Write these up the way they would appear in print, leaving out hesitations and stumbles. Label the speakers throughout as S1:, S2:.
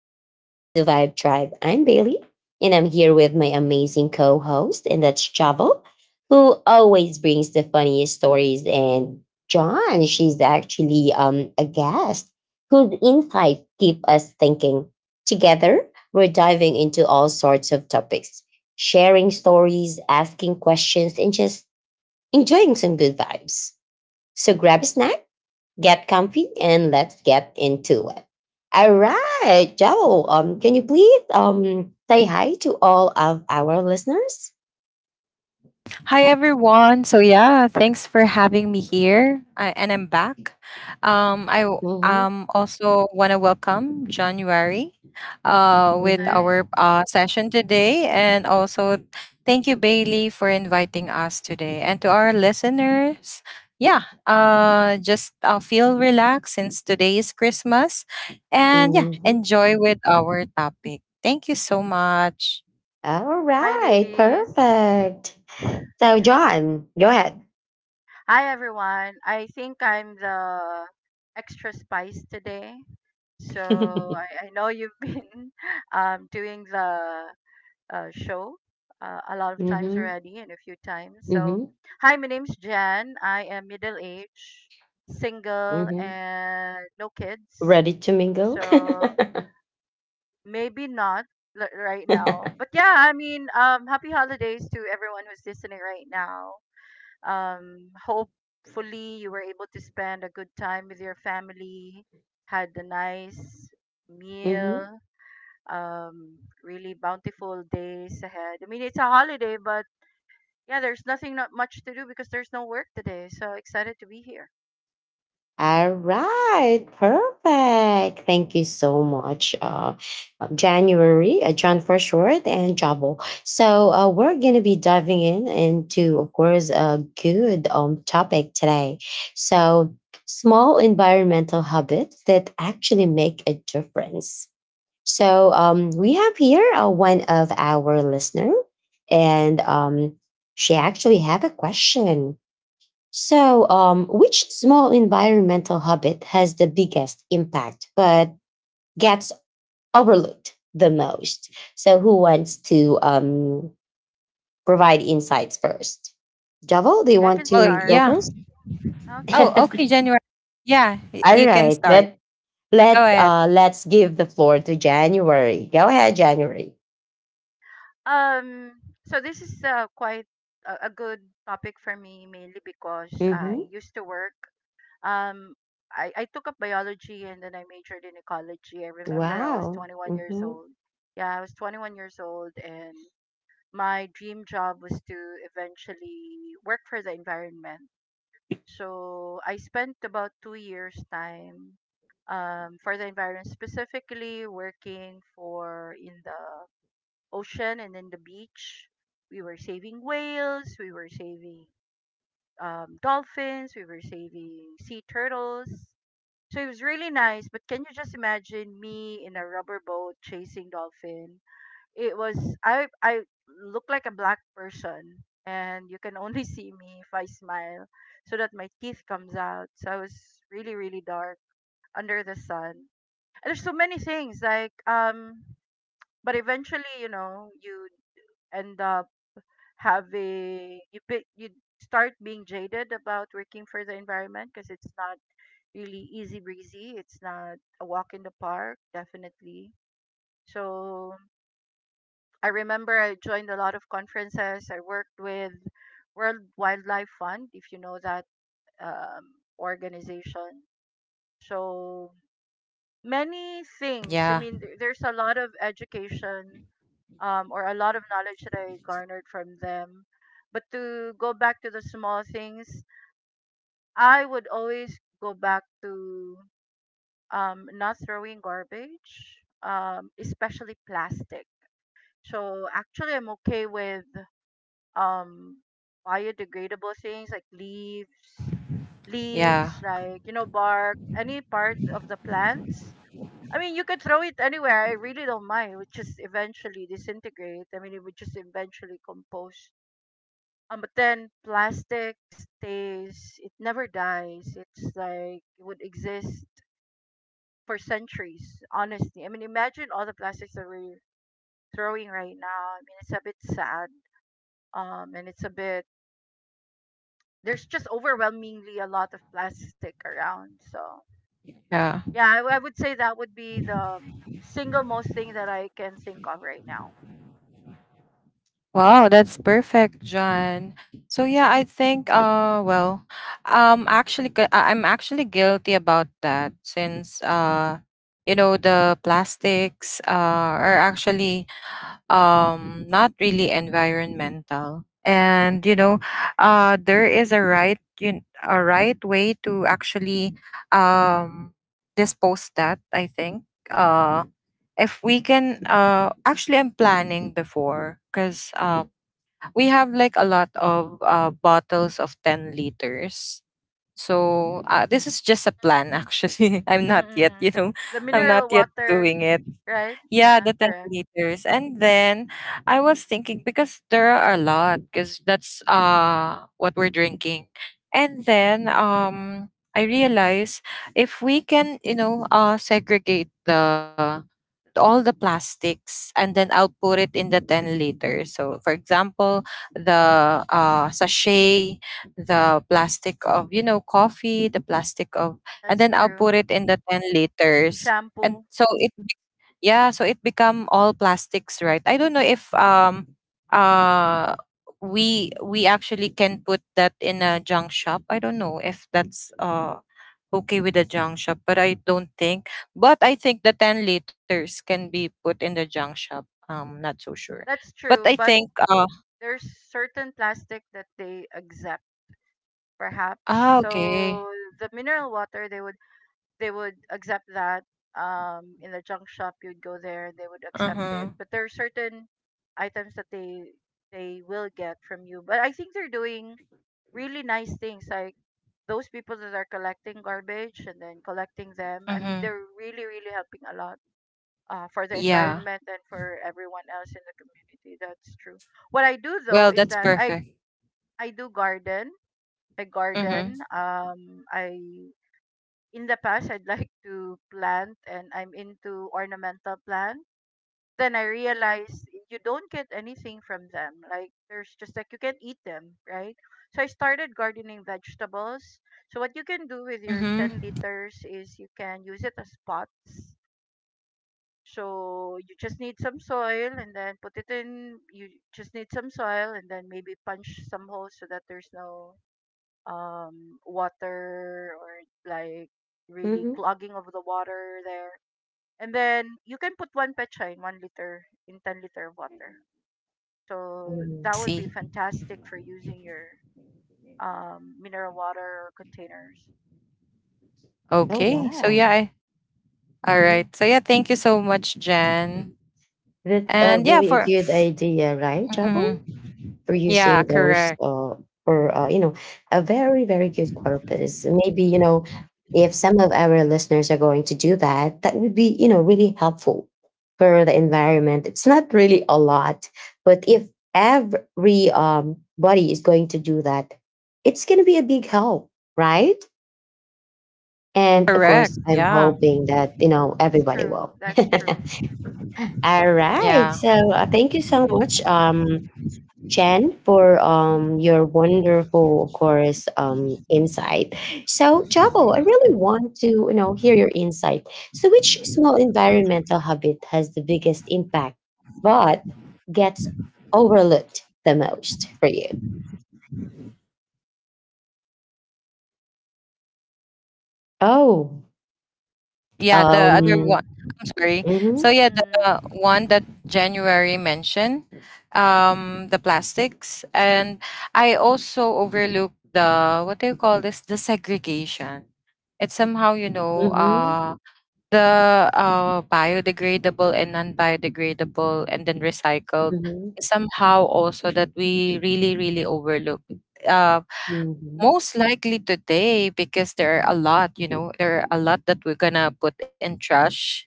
S1: welcome to the Vibe Tribe. I'm Bailey and I'm here with my amazing co host, and that's Chavo, who always brings the funniest stories. And John, she's actually a guest whose insights keep us thinking. Together, we're diving into all sorts of topics, sharing stories, asking questions, and just enjoying some good vibes. So grab a snack. Get comfy and let's get into it. All right, Joe. Can you please say hi to all of our listeners?
S2: Hi everyone. So yeah, thanks for having me here. And I'm back.
S1: Mm-hmm.
S2: Also want to welcome January, with
S1: Mm-hmm.
S3: Hi.
S2: our session today, and also thank you Bailey for inviting us today, and to our listeners. Yeah, just feel relaxed since today is Christmas, and yeah,
S1: Mm-hmm.
S2: enjoy with our topic. Thank you so much.
S1: All
S3: Hi,
S1: right,
S3: ladies.
S1: perfect. So, John, go ahead.
S3: Hi, everyone. I think I'm the extra spice today. So I know you've been doing the show a lot of times
S1: Mm-hmm.
S3: already and a few times. So,
S1: Mm-hmm.
S3: hi, my name's Jan. I am middle aged, single,
S1: Mm-hmm.
S3: and no kids.
S1: Ready to mingle?
S3: So maybe not right now. But yeah, I mean, happy holidays to everyone who's listening right now. Hopefully, you were able to spend a good time with your family, had a nice
S1: Mm-hmm.
S3: meal, really bountiful days ahead. I mean, it's a holiday, but yeah, there's nothing not much to do because there's no work today. So excited to be here.
S1: All right, perfect. Thank you so much, January, John for short, and Jabo. So we're gonna be diving in into, of course, a good topic today. So, small environmental habits that actually make a difference. So we have here one of our listener, and she actually have a question, so, which small environmental habit has the biggest impact but gets overlooked the most? So, who wants to provide insights first? Javel, do you
S3: I
S1: want
S3: can
S2: Well,
S1: to go
S3: start.
S2: yeah.
S1: first?
S3: Okay.
S2: Oh, okay, January.
S1: All
S2: You can
S1: right,
S2: start.
S1: let
S2: Go
S1: let
S2: ahead.
S1: uh, let's give the floor to January. Go ahead, January.
S3: Um, so this is quite a good topic for me, mainly because
S1: Mm-hmm.
S3: I used to work. Um, I took up biology and then I majored in ecology. I remember I was
S1: Wow.
S3: 21 years
S1: Mm-hmm.
S3: old. Yeah, I was 21 years old, and my dream job was to eventually work for the environment. So I spent about 2 years' time for the environment, specifically working for in the ocean and in the beach. We were saving whales, we were saving dolphins, we were saving sea turtles, so it was really nice, but can you just imagine me in a rubber boat chasing dolphin? It was I look like a black person and you can only see me if I smile so that my teeth comes out. So I was really really dark under the sun. And there's so many things but eventually, you know, you end up having you be, you start being jaded about working for the environment because it's not really easy breezy. It's not a walk in the park, definitely. So I remember I joined a lot of conferences. I worked with World Wildlife Fund, if you know that organization. So many things. I
S2: Yeah,
S3: mean, there's a lot of education or a lot of knowledge that I garnered from them. But to go back to the small things, I would always go back to not throwing garbage, especially plastic. So actually, I'm okay with um, biodegradable things like leaves,
S2: yeah,
S3: leaves like you know bark, any part of the plants. I mean, you could throw it anywhere. I really don't mind. It would just eventually disintegrate. I mean, it would just eventually compose. But then plastic stays. It never dies. It's like it would exist for centuries, honestly. I mean, imagine all the plastics that we're throwing right now. I mean, it's a bit sad. And it's a bit, There's just overwhelmingly a lot of plastic around. So,
S2: yeah.
S3: yeah, I would say that would be the single most thing that I can think of right now.
S2: Wow, that's perfect, John. So yeah, I think well, I'm actually guilty about that since you know, the plastics are actually not really environmental,
S3: True.
S2: and you know, there is a right a right way to actually um dispose that. I think uh if we can, actually I'm planning before because we have like a lot of bottles of 10 liters. So this is just a plan actually, I'm
S3: Mm,
S2: not yet, you
S3: mm-mm.
S2: know,
S3: The
S2: I'm not
S3: mineral
S2: yet
S3: water,
S2: doing it.
S3: right?
S2: Yeah, the 10
S3: Correct.
S2: liters. And then I was thinking because there are a lot, because that's what we're drinking. And then I realized if we can, you know, segregate the all the plastics, and then I'll put it in the 10 liter. So, for example, the sachet, the plastic of, you know, coffee, the plastic of, and
S3: That's
S2: then I'll
S3: true.
S2: put it in the 10 liters. And
S3: Shampoo.
S2: so it, be- Yeah, so it become all plastics, right? I don't know if uh we actually can put that in a junk shop. I don't know if that's okay with the junk shop, but I don't think. But I think the 10 liters can be put in the junk shop. Not so sure.
S3: That's
S2: But I
S3: true. But
S2: think
S3: there's certain plastic that they exempt,
S2: Ah,
S3: perhaps.
S2: okay.
S3: So the mineral water they would accept that. In the junk shop, you'd go there, they would accept
S2: Uh-huh.
S3: it. But there are certain items that they will get from you. But I think they're doing really nice things, like those people that are collecting garbage and then collecting them. I mean,
S2: Uh-huh.
S3: they're really really helping a lot. For the
S2: Yeah.
S3: environment and for everyone else in the community, that's true. What i do though
S2: Well,
S3: is
S2: that's
S3: that i
S2: perfect.
S3: I do garden a
S2: Mm-hmm.
S3: garden. I in the past I'd like to plant, and I'm into ornamental plants. Then I realized you don't get anything from them. Like there's just like you can't eat them, right? So I started gardening vegetables. So what you can do with your
S2: Mm-hmm.
S3: 10 liters is you can use it as pots. So you just need some soil and then put it in. You just need some soil and then maybe punch some holes so that there's no water or like really
S1: Mm-hmm.
S3: clogging of the water there. And then you can put one pecha in 1 liter in 10 liter of water. So
S1: Hmm.
S3: that would
S2: See.
S3: be fantastic for using your mineral water or containers.
S1: Oh
S2: Okay.
S1: wow.
S2: All
S1: Hmm.
S2: right. So yeah, thank you so much, Jen.
S1: That's a
S2: And yeah,
S1: really a
S2: for
S1: good idea, right, Javel?
S2: mhm.
S1: For
S2: Yeah,
S1: using those
S2: correct.
S1: for you know, a very very good purpose, maybe, you know, if some of our listeners are going to do that, that would be, you know, really helpful for the environment. It's not really a lot, but if every body is going to do that, it's going to be a big help, right? And of
S2: Correct.
S1: course, I'm
S2: Yeah.
S1: hoping that you know
S3: That's
S1: everybody
S3: true.
S1: will.
S3: That's true.
S1: All right,
S2: Yeah.
S1: so thank you so much, Jen, for your wonderful, of course, insight. So, Jabo, I really want to you know hear your insight. So, which small environmental habit has the biggest impact, but gets overlooked the most for you? Oh,
S2: Yeah, the other
S3: So
S1: um,
S2: one. I'm sorry.
S1: mm-hmm,
S2: So yeah, the
S3: mm,
S2: one that January mentioned, the plastics. And I also overlooked the, what do you call this? The segregation. It's somehow, you know,
S1: mm-hmm,
S2: the biodegradable and non-biodegradable, and then recycled.
S1: mm-hmm,
S2: Is somehow also that we really overlook. Uh,
S1: mm-hmm,
S2: most likely today because there are a lot, you know, there are a lot that we're gonna put in trash.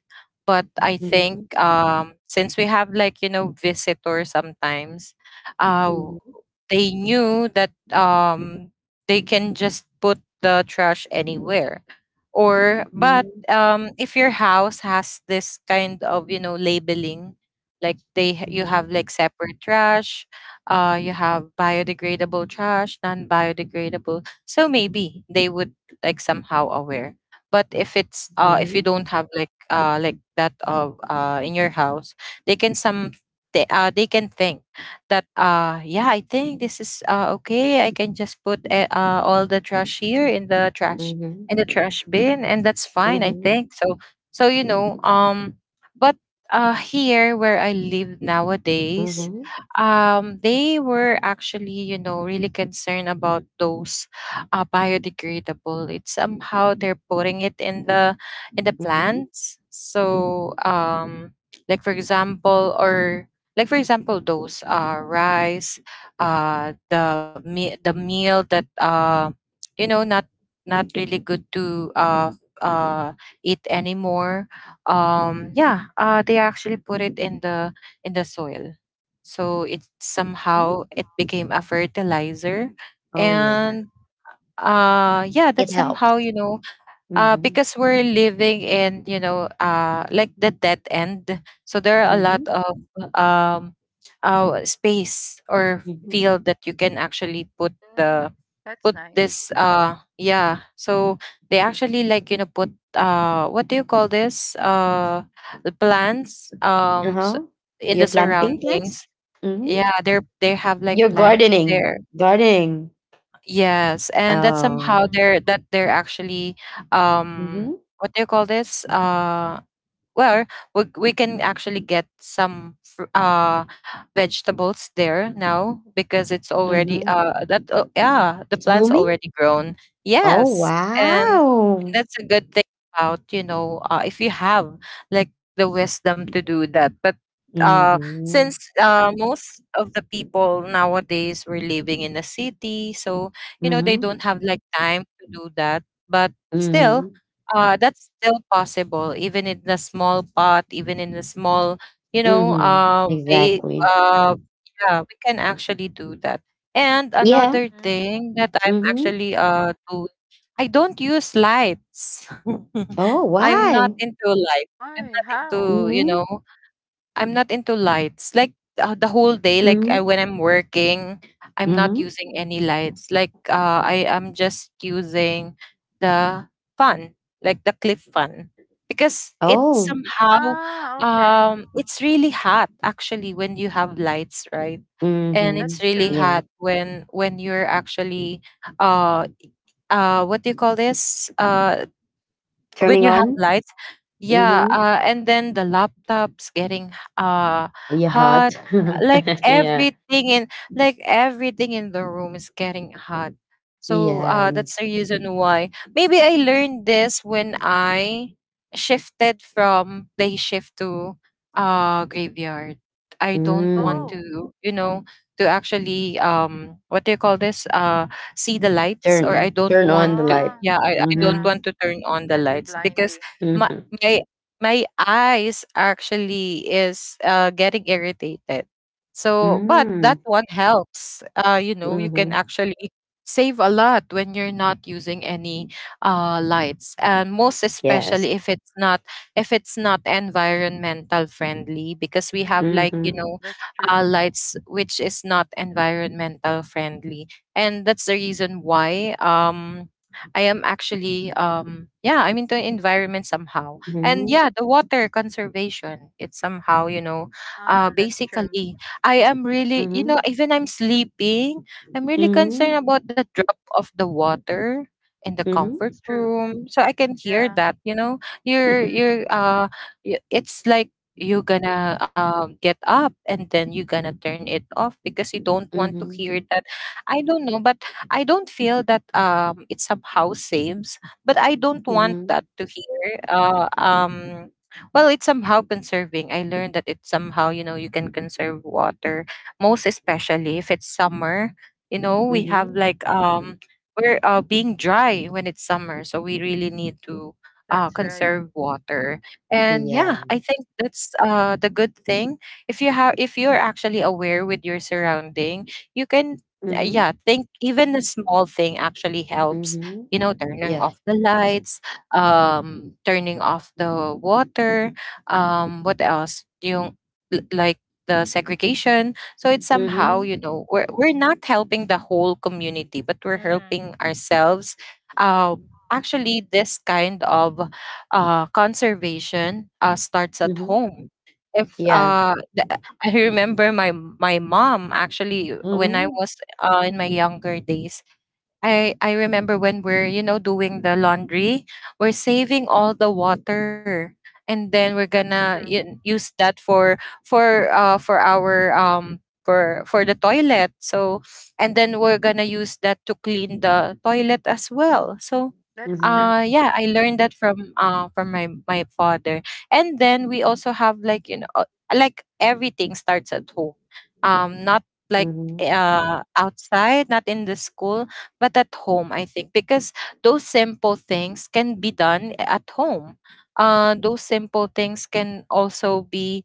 S2: But I think since we have, like, you know, visitors sometimes, uh,
S1: mm-hmm,
S2: they knew that they can just put the trash anywhere. Or, but
S1: mm-hmm,
S2: if your house has this kind of, you know, labeling, like you
S1: mm-hmm,
S2: have like separate trash, you have biodegradable trash, non-biodegradable, so maybe they would like somehow aware. But if it's if you don't have like that of in your house, they can some they can think that yeah, I think this is okay, I can just put all the trash here in
S1: mm-hmm,
S2: the trash bin, and that's fine, I
S1: mm-hmm,
S2: think. So so, you know, but here where I live nowadays,
S1: mm-hmm,
S2: they were actually, you know, really concerned about those biodegradable. It's somehow they're putting it in the, in the
S1: mm-hmm.
S2: plants. So like for example, or like for example, those rice, the meal that you know, not, not really good to uh, eat anymore. Yeah, they actually put it in the, in the soil. So it somehow it became a fertilizer.
S1: Oh
S3: that's true.
S1: yeah.
S2: And yeah,
S1: It
S2: that's
S1: helps.
S2: somehow, you know,
S1: Mhm.
S2: because we're living in, you know, like the dead end, so there are a lot
S1: Mhm.
S2: of um space or
S1: Mhm.
S2: field that you can actually put
S3: Mm,
S2: the,
S3: that's
S2: put
S3: nice.
S2: this. Yeah, so they actually, like, you know, put, what do you call this, the plants
S1: Uh-huh.
S2: in
S1: You're
S2: the
S1: planting plants?
S2: surroundings.
S1: Mhm.
S2: Yeah, they have like
S1: You're
S2: plants
S1: gardening.
S2: there.
S1: Gardening.
S2: Yes, and that
S1: Oh.
S2: somehow
S3: Mm,
S2: they're that they're actually,
S1: Mhm.
S2: what do you call this? Well, we can actually get some vegetables there now because it's already
S1: Mhm.
S2: that oh, yeah, the
S1: It's
S2: plant's
S1: blooming?
S2: already grown.
S1: Oh,
S2: Yes. And
S1: wow.
S2: that's a good thing about, you know, if you have like the wisdom to do that. But
S1: Mhm.
S2: since most of the people nowadays were living in the city, so, you know, they
S1: Mhm.
S2: don't have like time to do that. But still,
S1: Mhm.
S2: that's still possible, even in the small pot, even in the small, you know,
S1: Mhm.
S2: way,
S1: Exactly.
S2: yeah, we can actually do that. And
S1: Yeah.
S2: another
S3: mm.
S2: thing that I'm
S1: Mhm.
S2: actually doing, I don't use lights.
S1: Oh,
S2: I'm not
S1: why?
S2: into light. I'm
S3: Why?
S2: not
S3: How?
S2: into, you
S1: Mhm.
S2: know, I'm not into lights. Like the whole day, like I,
S1: Mhm.
S2: when I'm working, I'm
S1: Mhm.
S2: not using any lights. Like I am just using the fan, like the cliff fan, because it
S1: Oh.
S2: somehow,
S3: Ah, okay.
S2: it's really hot actually when you have lights, right? And it's
S1: Mhm.
S3: That's
S2: really
S3: true.
S1: Yeah.
S2: hot when you're actually uh what do you call this, when
S1: Turning
S2: you have
S1: on?
S2: lights, yeah,
S1: Mhm.
S2: and then the laptops getting
S1: Yeah, hot.
S2: hot. Like
S1: Yeah.
S2: everything in, like everything in the room is getting hot. So
S1: Yeah.
S2: that's the reason why. Maybe I learned this when I shifted from day shift to graveyard. I don't want
S1: Mm.
S3: Oh.
S2: to, you know, to actually what do you call this? See the lights, or I
S1: Turn
S2: don't
S1: turn on the
S2: want to,
S1: light.
S3: Ah.
S2: yeah, I don't
S1: Mhm.
S3: Yeah.
S2: want to turn on the
S3: Can be
S2: lights because
S3: blinding.
S2: my
S1: Mhm.
S2: my my eyes actually is getting irritated. So, but
S1: Mm.
S2: that one helps. You know, you can
S1: Mhm.
S2: actually save a lot when you're not using any lights, and most
S1: Yes.
S2: especially if it's not, if it's not environmental friendly, because we have, like,
S3: Mm,
S2: you
S1: Mhm.
S2: know,
S3: that's true.
S2: lights which is not environmental friendly. And that's the reason why I am actually, yeah, I'm into environment somehow. And
S1: Mhm.
S2: yeah, the water conservation, it's somehow, you know,
S3: Ah, that's true.
S2: basically, I am really, you know,
S1: Mhm.
S2: even I'm sleeping, I'm really concerned
S1: Mhm.
S2: about the drop of the water in the
S1: Mhm.
S2: comfort
S3: That's true.
S2: room, so I can hear
S3: Yeah.
S2: that, you know,
S3: Mm,
S2: you're it's like you are gonna get up and then you are gonna turn it off because you don't want to
S1: Mhm.
S2: hear that. I don't know, but I don't feel that, it somehow saves, but I don't want
S1: Mhm.
S2: that to hear. Well, it's somehow conserving. I learned that it's somehow, you know, you can conserve water, most especially if it's summer. You know, we have
S1: Mhm.
S2: like we're being dry when it's summer, so we really need to,
S3: that's right.
S2: conserve water. And yeah,
S1: Yeah.
S2: I think that's the good thing. If you have, if you're actually aware with your surrounding, you can
S1: Mhm.
S2: yeah, think even a small thing actually helps,
S1: Mhm.
S2: you know, turning
S1: Yeah.
S2: off the lights, turning off the water, what else yung like the segregation. So it's somehow,
S1: Mhm.
S2: you know, we're not helping the whole community, but we're
S3: Mm,
S2: helping ourselves. um
S3: mm,
S2: Actually this kind of conservation starts at
S1: Mhm.
S2: home. If
S1: Yeah.
S2: the- I remember my, my mom actually, when I
S1: Mhm.
S2: was in my younger days, I remember when we're, you know, doing the laundry, we're saving all the water, and then we're
S3: that's
S2: gonna
S3: true.
S2: use that for, for our for the toilet. So, and then we're gonna use that to clean the toilet as well. So.
S3: That's true.
S1: Mhm.
S2: Uh, yeah, I learned that from my, my father. And then we also have, like, you know, like, everything starts at home. Um, not like
S1: Mhm.
S2: outside, not in the school, but at home, I think, because those simple things can be done at home. Those simple things can also be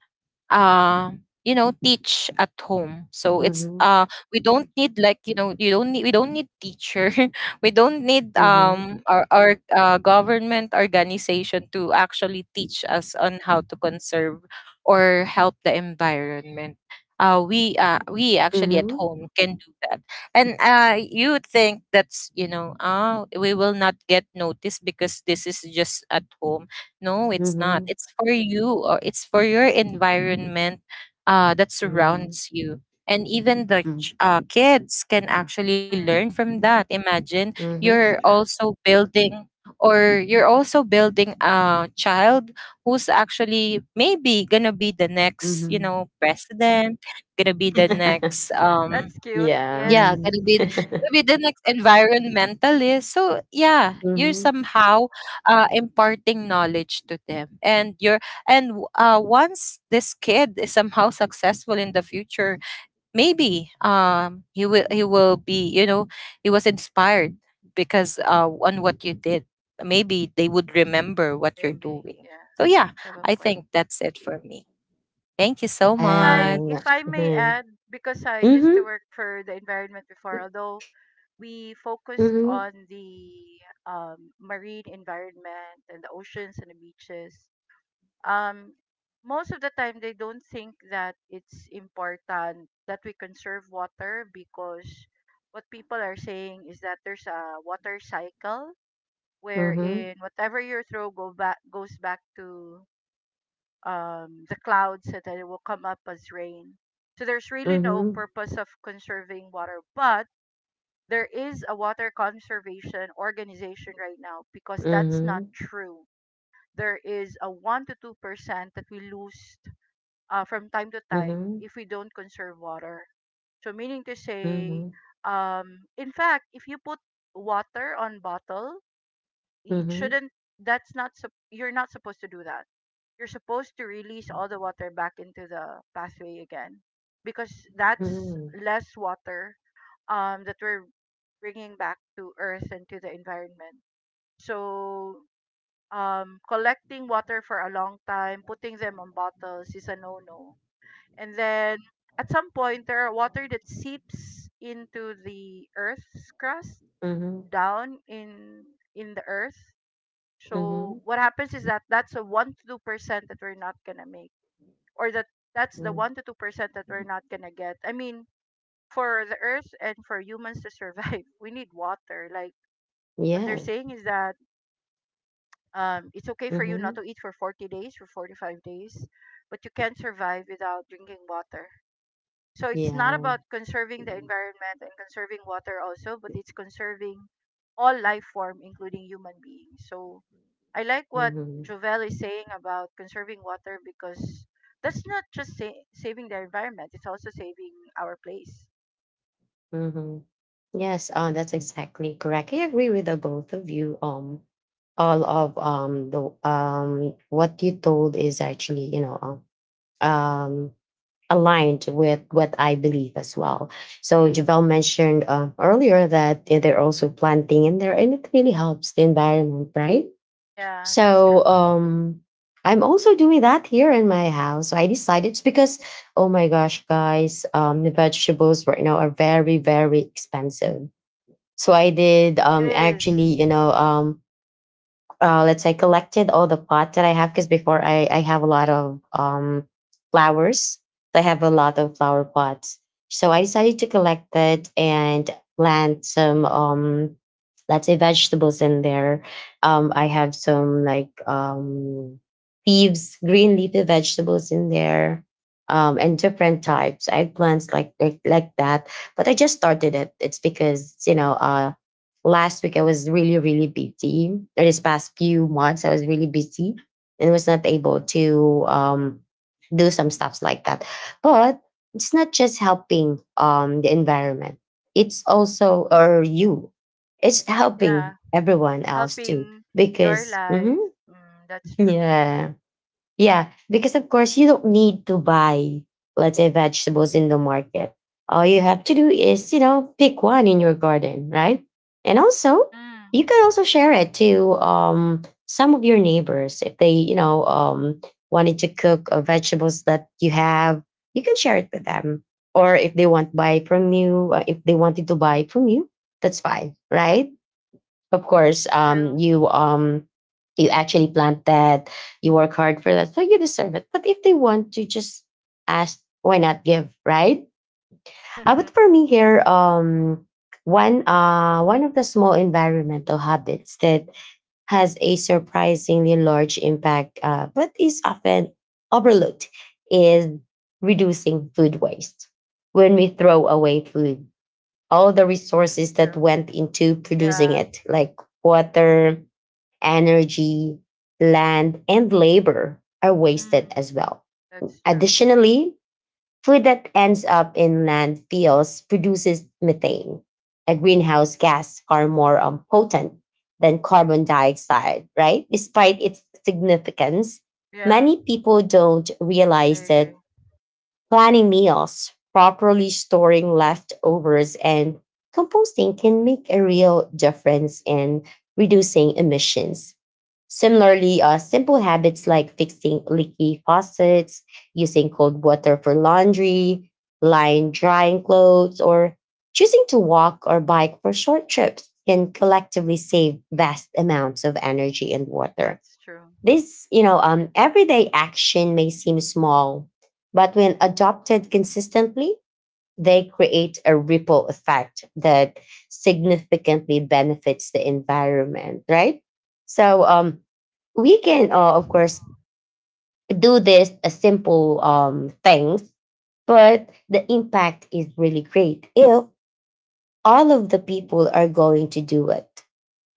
S2: uh, you know, teach at home. So it's
S1: Mhm.
S2: we don't need, like, you know, you don't need, we don't need teacher. We don't need
S1: Mhm.
S2: our government organization to actually teach us on how to conserve or help the environment. We actually at
S1: Mhm.
S2: home can do that. And you would think that's, you know, we will not get noticed because this is just at home. No, it's not.
S1: Mhm.
S2: It's for you, or it's for your environment that
S1: Mhm.
S2: surrounds you. And even the kids can actually learn
S3: Mm,
S2: from that. Imagine
S3: that's
S2: you're
S1: Mhm.
S3: true.
S2: also building, or you're also building a child who's actually maybe gonna be the
S1: Mhm.
S2: next, you
S1: Mhm.
S2: know, president, gonna be the next
S3: That's cute.
S1: Yeah.
S3: Yes.
S2: yeah,
S1: Mhm.
S2: gonna be the next environmentalist. So yeah, you're somehow imparting knowledge to them, and you're once this kid is somehow successful in the future, maybe he will be you know he was inspired because on what you did, maybe they would remember what you're
S3: Maybe.
S2: doing.
S3: Yeah.
S2: So yeah,
S3: Have a
S2: I
S3: point.
S2: think that's it for me. Thank you so much.
S1: And
S3: If I may
S1: mhm.
S3: add, because I used to
S1: Mhm.
S3: work for the environment before, although we focused
S1: Mhm.
S3: on the marine environment and the oceans and the beaches, um, most of the time they don't think that it's important that we conserve water because what people are saying is that there's a water cycle wherein whatever you throw go back goes back to the clouds and then it will come up as rain. So there's really no
S1: Mhm.
S3: purpose of conserving water, but there is a water conservation organization right now because that's not
S1: Mhm.
S3: true. There is a 1 to 2% that we lose from time to time
S1: Mhm.
S3: if we don't conserve water. So meaning to say,
S1: Mhm.
S3: in fact, if you put water on bottle,
S1: Mhm.
S3: it
S1: Mhm.
S3: shouldn't. That's not. You're not supposed to do that. You're supposed to release all the water back into the pathway again, because that's less water that we're bringing back to Earth and to the environment. So collecting water for a long time, putting them on bottles is a no-no and then at some point, there are water that seeps into the Earth's crust
S1: Mhm. Mhm.
S3: down in the Earth. So
S1: Mhm.
S3: what happens is that that's a 1 to 2% that we're not gonna make, or that that's the
S1: Mhm.
S3: 1 to 2% that we're not gonna get. I mean, for the Earth and for humans to survive, we need water. Like what they're
S1: Yes.
S3: saying is that it's okay for you not
S1: Mhm.
S3: to eat for 40 days, for 45 days, but you can't survive without drinking water. So it's not
S1: Yeah.
S3: about conserving the environment and conserving water also, but it's conserving all life form, including human beings. So I like what
S1: Mhm.
S3: Jovel is saying about conserving water because that's not just saving the environment; it's also saving our place.
S1: Mhm. Yes, that's exactly correct. I agree with the both of you. All of the what you told is actually you know um aligned with what I believe as well. So Javel mentioned earlier that they're also planting in there, and it really helps the environment, right?
S3: Yeah, that's true.
S1: So I'm also doing that here in my house. So I decided, it's because, oh my gosh, guys, the vegetables right now are very, very expensive. So I did
S3: It is.
S1: actually, you know, let's say collected all the pot that I have, because before I have a lot of flowers. I have a lot of flower pots, so I decided to collect it and plant some let's say vegetables in there. I have some like leaves, green leafy vegetables in there. And different types eggplants like, like that, but I just started it. It's because you know last week I was really, really busy. Or this past few months, I was really busy and was not able to do some stuffs like that. But it's not just helping the environment. It's also, or you, it's helping
S3: Yeah,
S1: everyone else too.
S3: helping your
S1: Because, mhm,
S3: life. Mm, that's true.
S1: yeah. Yeah, because of course you don't need to buy, let's say, vegetables in the market. All you have to do is, you know, pick one in your garden, right? And also,
S3: Mm,
S1: you can also share it to some of your neighbors if they, you know, wanted to cook vegetables that you have. You can share it with them, or if they want buy from you, if they wanted to buy from you, that's fine, right? Of course
S3: that's true.
S1: you you actually plant that, you work hard for that, so you deserve it. But if they want to just ask, why not give, right? But for me here, one of the small environmental habits that has a surprisingly large impact but is often overlooked is reducing food waste. When we throw away food, all the
S3: that's
S1: resources that
S3: true.
S1: went into producing
S3: Yeah.
S1: it like water, energy, land, and labor are wasted
S3: Mm,
S1: as well.
S3: that's true.
S1: Additionally, food that ends up in landfills produces methane, a greenhouse gas far more potent than carbon dioxide, right? Despite its significance,
S3: Yeah,
S1: many people don't
S3: I
S1: realize
S3: agree.
S1: that. Planning meals, properly storing leftovers, and composting can make a real difference in reducing emissions. Similarly, simple habits like fixing leaky faucets, using cold water for laundry, line drying clothes, or choosing to walk or bike for short trips can collectively save vast amounts of energy and water.
S3: That's true.
S1: This, you know, everyday action may seem small, but when adopted consistently, they create a ripple effect that significantly benefits the environment, right? So we
S3: I
S1: can,
S3: agree.
S1: of course, do this simple things, but the impact is really great if all of the people are going to do it.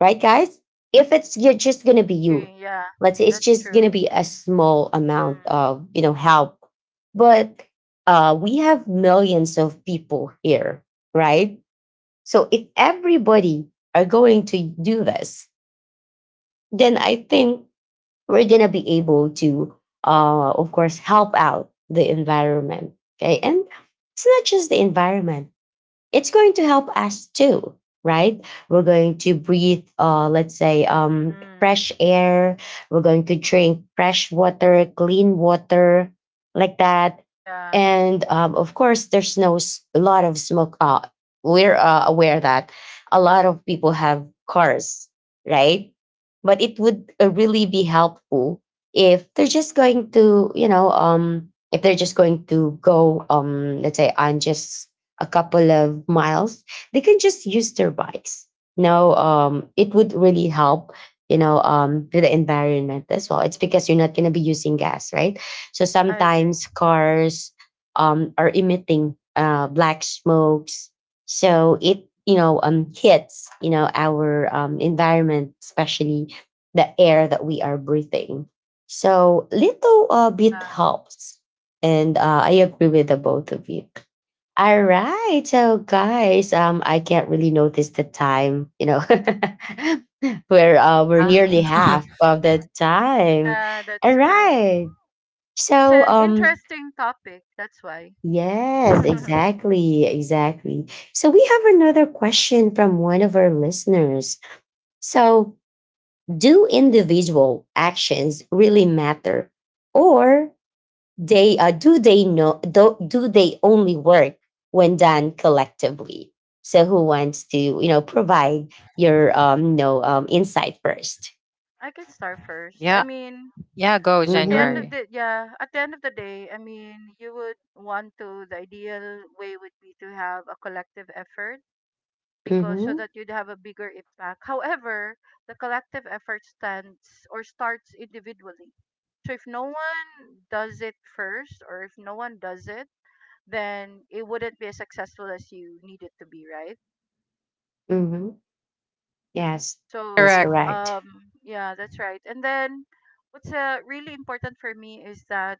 S1: Right, guys? If it's you're just gonna
S3: I
S1: be you,
S3: agree. Yeah,
S1: let's say it's
S3: that's
S1: just
S3: true.
S1: gonna be a small amount
S3: Mm,
S1: of you know help. But we have millions of people here, right? So if everybody are going to do this, then I think we're gonna be able to of course help out the environment. Okay. And it's not just the environment, it's going to help us too, right? We're going to breathe let's say
S3: mm,
S1: fresh air. We're going to drink fresh water, clean water, like that.
S3: yeah,
S1: And of course there's no s- a lot of smoke. We're aware that a lot of people have cars, right? But it would really be helpful if they're just going to you know if they're just going to go let's say on just a couple of miles, they can just use their bikes. You know, it would really help, you know, with the environment as well. It's because you're not going to be using gas, right? So
S3: I agree.
S1: sometimes cars are emitting black smokes. So it, you know, hits, you know, our environment, especially the air that we are breathing. So little bit
S3: Yeah,
S1: helps. And I agree with the both of you. All right. So guys, I can't really notice the time, you know. We're
S2: Uh,
S1: nearly half of the time.
S3: yeah,
S1: All
S3: that's true.
S1: right.
S3: It's
S1: So
S3: an interesting topic. That's why.
S1: yes,
S3: I
S1: exactly, exactly. So we have another question from one of our listeners. So, do individual actions really matter? Or they do they know do, do they only work when done collectively? So who wants to you know provide your you know insight first?
S3: can start first. I
S2: yeah,
S3: mean,
S2: yeah, go
S3: at the end
S1: Mm-hmm.
S3: of
S2: January.
S3: the yeah, at the end of the day, I mean, you would want to the ideal way would be to have a collective effort because so
S1: Mm-hmm.
S3: that you'd have a bigger impact. However, the collective effort stands or starts individually. So if no one does it first or if no one does it, then it wouldn't be as successful as you need it to be, right?
S1: Mm-hmm. Yes. That's
S3: So,
S2: Correct.
S1: correct.
S3: yeah, that's right. And then what's really important for me is that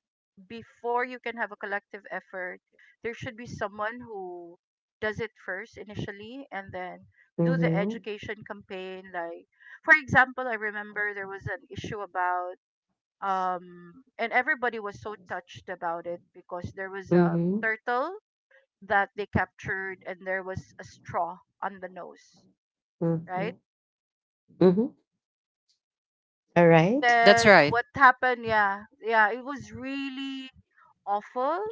S3: before you can have a collective effort, there should be someone who does it first initially and then do the
S1: Mm-hmm.
S3: education campaign. Like, for example, I remember there was an issue about, and everybody was so touched about it because there was a
S1: Mm-hmm.
S3: turtle that they captured and there was a straw on the nose,
S1: Mm-hmm.
S3: right?
S1: Mm-hmm. All
S3: And
S1: right.
S2: That's
S3: then
S2: right.
S3: what happened? Yeah, yeah, it was really awful.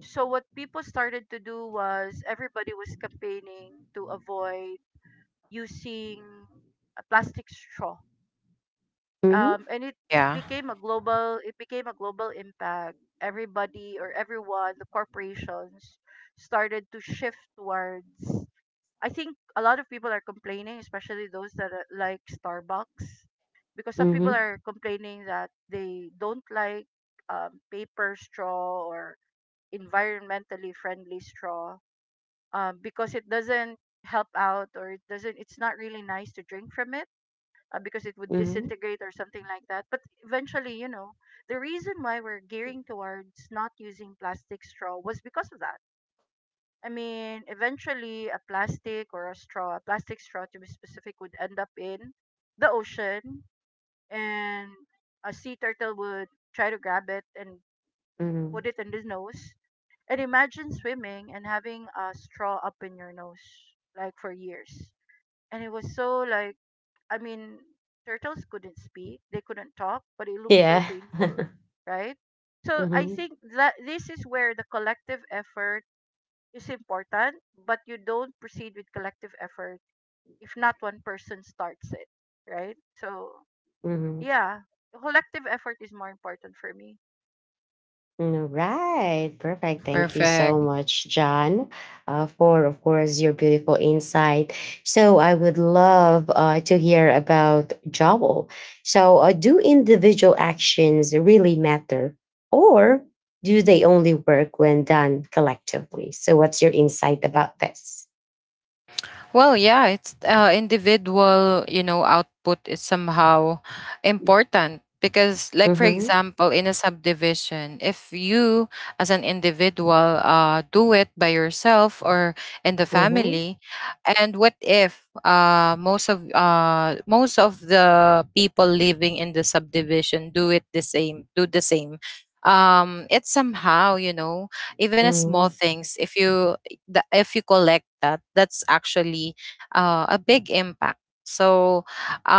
S3: So what people started to do was everybody was campaigning to avoid using a plastic straw.
S1: Mm-hmm.
S3: And it
S2: Yeah.
S3: became a global impact. Everybody or everyone, the corporations started to shift towards. I think a lot of people are complaining, especially those that are, like Starbucks, because some people
S1: Mm-hmm.
S3: are complaining that they don't like paper straw or environmentally friendly straw because it doesn't help out or it doesn't. It's not really nice to drink from it because it would
S1: Mm-hmm.
S3: disintegrate or something like that. But eventually, you know, the reason why we're gearing towards not using plastic straw was because of that. I mean, eventually a plastic or a straw, a plastic straw to be specific, would end up in the ocean and a sea turtle would try to grab it and
S1: Mm-hmm.
S3: put it in his nose. And imagine swimming and having a straw up in your nose like for years. And it was so like, I mean, turtles couldn't speak, they couldn't talk, but it looked so
S1: Yeah.
S3: painful, right? So I
S1: Mm-hmm.
S3: think that this is where the collective effort is important, but you don't proceed with collective effort if not one person starts it, right? So,
S1: Mm-hmm.
S3: yeah, collective effort is more important for me.
S1: Mm, right. Perfect. Thank you
S2: Perfect.
S1: so much, John, for, of course, your beautiful insight. So I would love to hear about Joel. So do individual actions really matter, or do they only work when done collectively? So what's your insight about this?
S2: Well, yeah, it's individual, you know, output is somehow important because like for
S1: Mm-hmm.
S2: example, in a subdivision, if you as an individual do it by yourself or in the
S1: Mm-hmm.
S2: family, and what if most of the people living in the subdivision do it the same, do the same. It's somehow, you know, even as small
S1: Mm-hmm.
S2: things if you if you collect that that's actually a big impact. So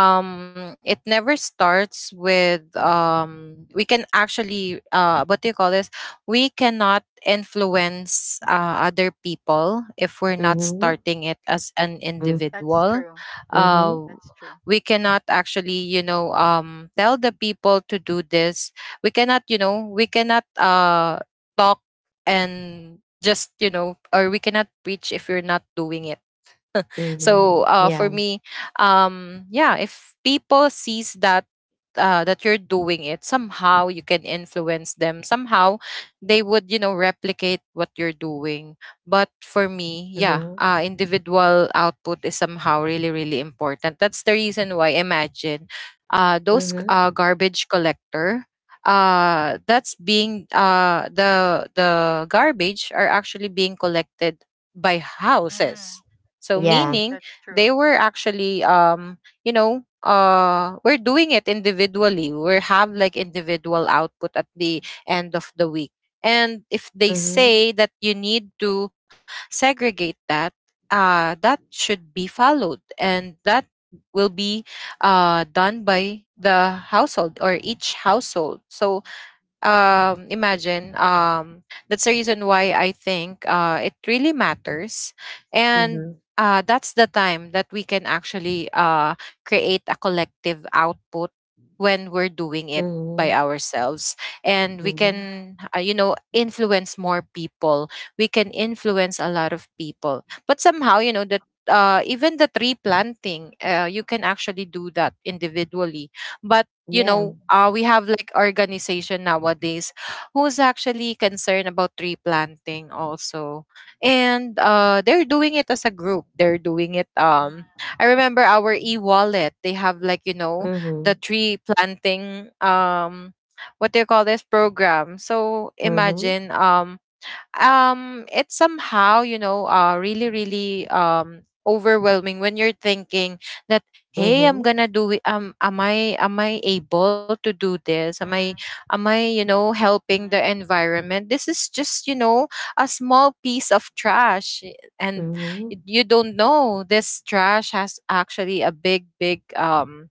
S2: it never starts with we can actually what do you call this, we cannot influence other people if we're not starting it as an
S1: Mm-hmm.
S3: That's
S2: individual.
S3: true.
S2: uh
S1: Mm-hmm.
S3: That's true.
S2: we cannot actually you know tell the people to do this. We cannot you know we cannot talk and just you know, or we cannot preach if you're not doing it.
S1: Mm-hmm.
S2: So for
S1: Yeah.
S2: me, yeah, if people sees that that you're doing it, somehow you can influence them. Somehow they would, you know, replicate what you're doing. But for me, yeah,
S1: Mm-hmm.
S2: individual output is somehow really, really important. That's the reason why. Imagine, those
S1: Mm-hmm.
S2: garbage collector that's being the garbage are actually being collected by
S3: Mm,
S2: houses, so
S1: Yeah.
S2: meaning
S3: that's
S2: they
S3: true.
S2: were actually you know we're doing it individually. We have like individual output at the end of the week. And if they
S1: Mm-hmm.
S2: say that you need to segregate that, that should be followed and that will be done by the household or each household. So imagine that's the reason why I think it really matters, and that's the time that we can actually create a collective output when we're doing it
S1: Mm-hmm.
S2: by ourselves, and we
S1: Mhm.
S3: Mm,
S2: can you know influence more people. We can influence a lot of people, but somehow you know that even the tree planting you can actually do that individually, but you
S1: Yeah.
S2: know, we have like organization nowadays who's actually concerned about tree planting also. And they're doing it as a group. They're doing it.
S3: mm,
S2: I remember our e-wallet. They have like, you know, the
S1: Mhm.
S2: tree planting, what do you call this program. So
S1: Mhm.
S2: imagine, it's somehow you know really really overwhelming when you're thinking that hey I'm
S1: Mhm.
S2: gonna do it. Am I, am I able to do this?
S3: mm,
S2: Am I You know,
S3: mm,
S2: helping the
S3: mm,
S2: environment? This is just you know a small piece of trash, eh, and
S1: Mhm.
S2: you don't know this trash has actually a big big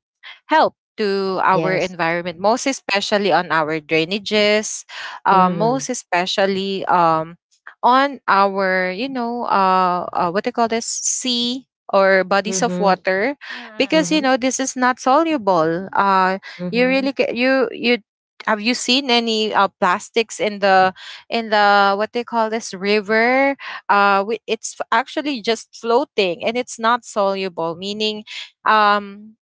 S2: help to our
S1: Yes.
S2: environment, most especially on our drainages,
S1: Mhm.
S2: most especially on our you know what they call this, sea or bodies of
S1: Mhm.
S2: water,
S3: mm,
S2: because you
S1: Mhm.
S2: know
S3: mm.
S2: this is not soluble. You really
S1: Mhm.
S2: you you have you seen any plastics in the what they call this, river? Actually just floating and it's not soluble, meaning um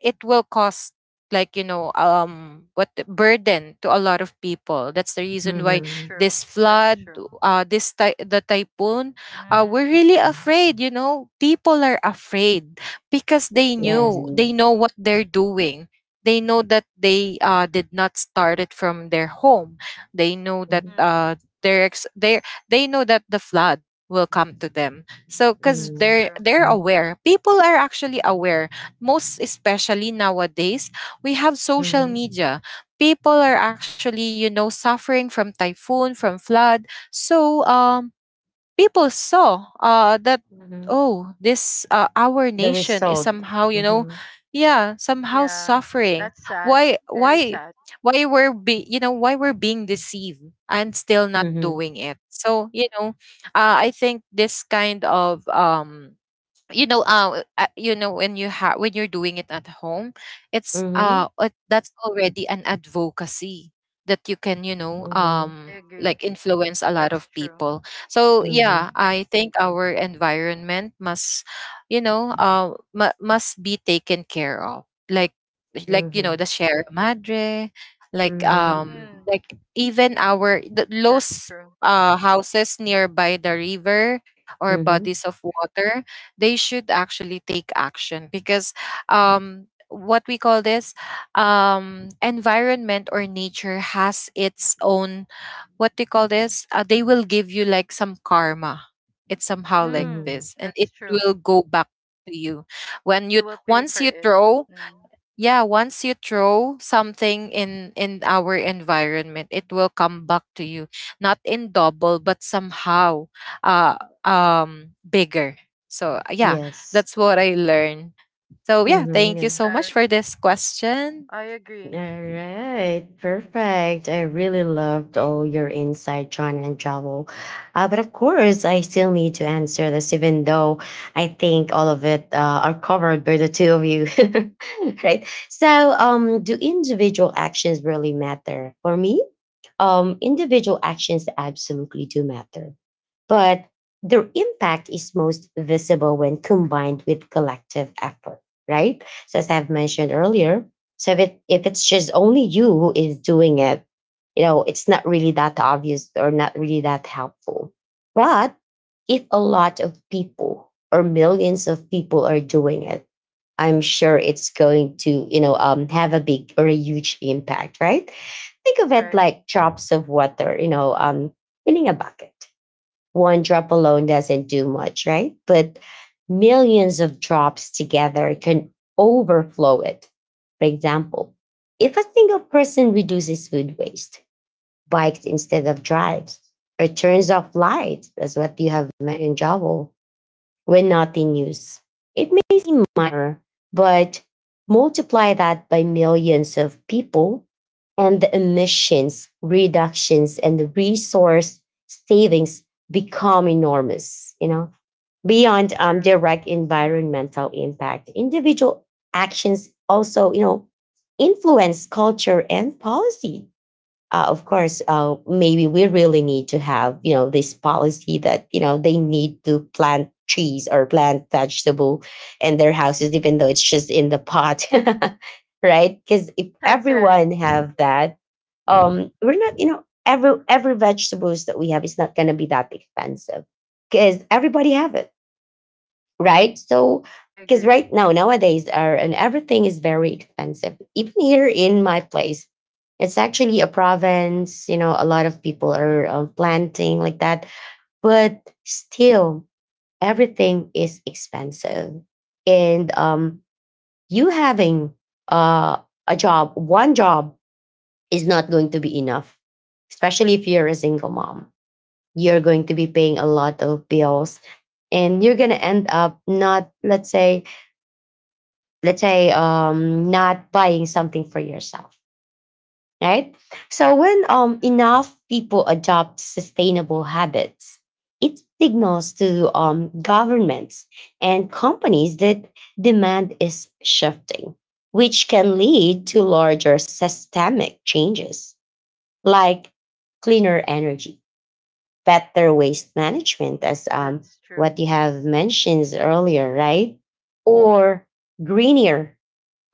S2: it will cost like you know what the burden to a lot of people. That's the reason why
S3: That's
S1: Mhm.
S3: true.
S2: this
S3: That's
S2: flood,
S3: true.
S2: the typhoon,
S3: Mm,
S2: we're really afraid. You know people are afraid because they
S1: Yes.
S2: knew, they know what they're doing. They know that they did not start it from their home. They know that
S1: Mhm.
S3: mm,
S2: they're ex- they they know that the flood will come to them. So because
S3: that's
S1: Mhm.
S2: they're
S3: true.
S2: they're aware, people are actually aware, most especially nowadays, we have social
S1: Mhm.
S2: media. People are actually, you know, suffering from typhoon, from flood. So, people saw that,
S1: Mhm.
S2: oh, this, our
S1: The
S2: nation is
S1: result.
S2: somehow, you know,
S1: Mhm.
S2: yeah, somehow
S3: Yeah,
S2: suffering.
S3: that's sad.
S2: Why,
S3: Very
S2: why,
S3: sad.
S2: why we're be, you know, why we're being deceived and still not
S1: Mhm.
S2: doing it. So, you know, I think this kind of, you know when you have, when you're doing it at home, it's
S1: Mhm.
S2: that's already an advocacy that you can you know
S1: Mhm.
S3: I
S2: like
S3: agree.
S2: influence a lot
S3: That's
S2: of
S3: true.
S2: people. So yeah
S1: Mhm.
S2: I think our environment must you know must be taken care of, like you know
S1: Mhm.
S2: the share madre,
S1: Mhm.
S3: Mm,
S2: like even our the
S3: that's
S2: those
S3: true.
S2: houses nearby the river or
S1: Mhm.
S2: bodies of water. They should actually take action because what we call this environment or nature has its own, what do you call this? They will give you like some karma. It's somehow like
S3: Mm,
S1: Mhm.
S2: this, and it
S3: that's true.
S2: will go back to you when you
S3: You will pay
S2: once
S3: for
S2: you
S3: it.
S2: throw
S3: Mm.
S2: yeah once you throw something in our environment, it will come back to you, not in double, but somehow uh bigger. So yeah,
S1: Yes.
S2: that's what I learned. So yeah, thank you
S3: That's
S1: Mhm.
S2: so much
S3: right.
S2: for this question.
S3: I
S1: All
S3: agree.
S1: right, perfect. I really loved all your insight, John and Joel. But of course, I still need to answer this, even though I think all of it are covered by the two of you, right? So, do individual actions really matter? For me, individual actions absolutely do matter, but their impact is most visible when combined with collective effort, right? So, as I've mentioned earlier, so if, it, if it's just only you who is doing it, you know, it's not really that obvious or not really that helpful. But if a lot of people or millions of people are doing it, I'm sure it's going to, you know, have a big or a huge impact, right? Think of
S3: That's
S1: it
S3: right.
S1: like drops of water, you know, filling a bucket. One drop alone doesn't do much, right? But millions of drops together can overflow it. For example, if a single person reduces food waste, bikes instead of drives, or turns off lights, that's what you have mentioned, Jovel, when not in use. It may seem minor, but multiply that by millions of people, and the emissions reductions and the resource savings become enormous, you know. Beyond
S3: That's true.
S1: direct
S3: Mm.
S1: environmental impact, individual actions also, influence culture and policy. Of course, maybe we really need to have you know this policy that you know they need to plant trees or plant vegetable in their houses, even though it's just in the pot, right? Because if
S3: That's right.
S1: everyone have that, we're not you know every vegetables that we have is not going to be that expensive because everybody have it, right? So,
S3: I
S1: because
S3: agree.
S1: right now, nowadays, our, and everything is very expensive. Even here in my place, it's actually a province, you know, a lot of people are planting like that, but still, everything is expensive. And you having uh, a job, one job is not going to be enough, especially if you're a single mom. You're going to be paying a lot of bills and you're going to end up not, let's say, let's say not buying something for yourself, right? So when
S3: Mm.
S1: enough people adopt sustainable habits, it signals to governments and companies that demand is shifting, which can lead to larger systemic changes like cleaner energy, better waste management, as
S3: That's true.
S1: what you have mentioned earlier, right? Or greener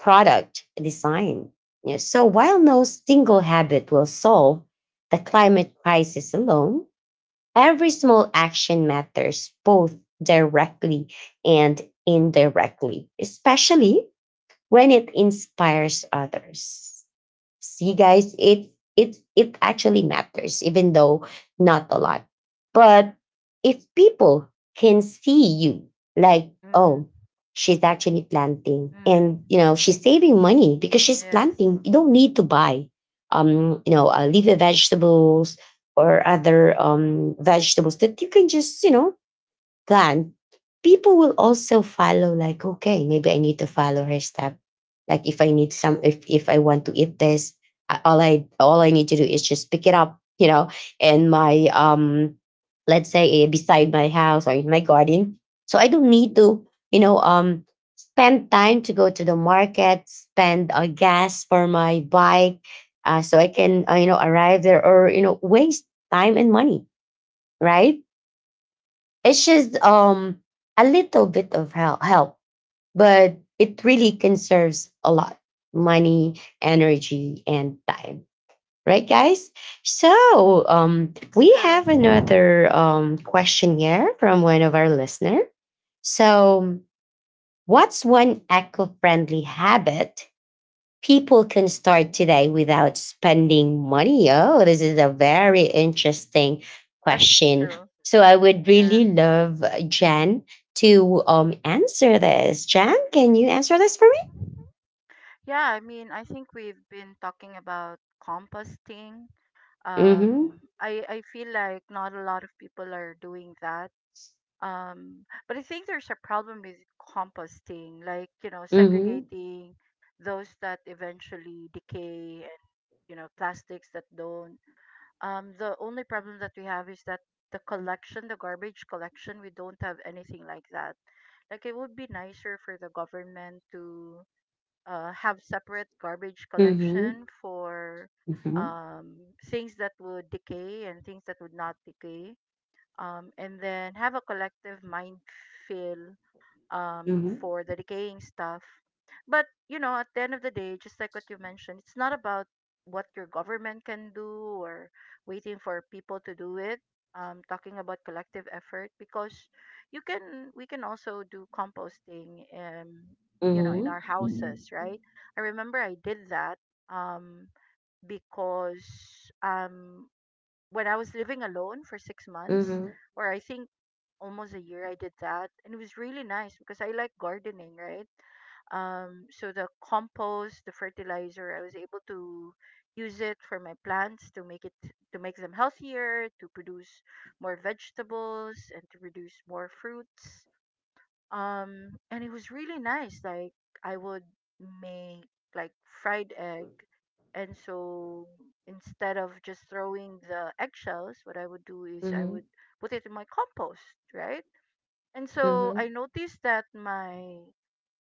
S1: product design. Yeah, so while no single habit will solve the climate crisis alone, every small action matters, both directly and indirectly, especially when it inspires others. See, guys, it actually matters, even though not a lot. But if people can see you, like,
S3: Mm.
S1: oh, she's actually planting,
S3: Mm.
S1: and you know she's saving money because she's
S3: Yes.
S1: planting. You don't need to buy, you know, leafy vegetables or other vegetables that you can just you know plan, people will also follow, like, okay, maybe I need to follow her step. Like if I need some if I want to eat this, all I need to do is just pick it up, you know, and my let's say beside my house or in my garden. So I don't need to, you know, spend time to go to the market, spend gas for my bike, so I can you know arrive there, or you know waste time and money, right? It's just a little bit of help, but it really conserves a lot money, energy, and time. Right, guys? So
S3: That's
S1: we
S3: true.
S1: have another question here from one of our listener. So, what's one eco-friendly habit people can start today without spending money? Oh, this is a very interesting
S3: That's
S1: question.
S3: true.
S1: So I would
S3: Yeah.
S1: really love Jen to answer this. Jen, can you answer this for me?
S3: Yeah, I mean, I think we've been talking about composting.
S1: Mm-hmm.
S3: I feel like not a lot of people are doing that. But I think there's a problem with composting, like,
S1: Mm-hmm.
S3: segregating those that eventually decay and, plastics that don't. The only problem that we have is that the collection, the garbage collection, we don't have anything like that. Like, it would be nicer for the government to have separate garbage
S1: Mm-hmm.
S3: collection for um, things that would decay and things that would not decay, and then have a collective mind feel,
S1: Mm-hmm.
S3: for the decaying stuff. But at the end of the day, just like what you mentioned, it's not about what your government can do or waiting for people to do it. Talking about collective effort, because you can we can also do composting, in
S1: Mm-hmm.
S3: our
S1: Mm-hmm.
S3: houses, right? I remember I did that. um because when I was living alone for 6 months,
S1: Mm-hmm.
S3: or I think almost a year, I did that, and it was really nice because I like gardening, right? So the compost, the fertilizer, I was able to use it for my plants to make them healthier, to produce more vegetables, and to produce more fruits. And it was really nice. Like I would make like fried egg, and so instead of just throwing the eggshells, what I would do is I
S1: Mm-hmm.
S3: would put it in my compost, right? And so
S1: Mm-hmm.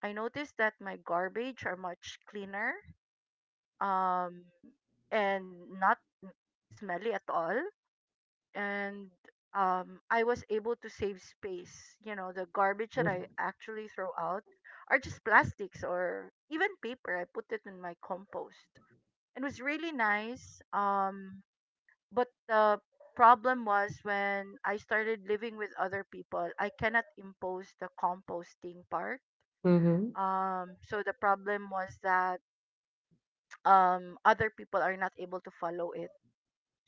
S3: I noticed that my garbage are much cleaner, um, and not smelly at all, and I was able to save space. You know, the garbage that I
S1: Mm-hmm.
S3: actually throw out are just plastics or even paper. I put it in my compost. It was really nice. But the problem was when I started living with other people, I cannot impose the composting part.
S1: Mm-hmm. Mm-hmm.
S3: So the problem was that other people are not able to follow it.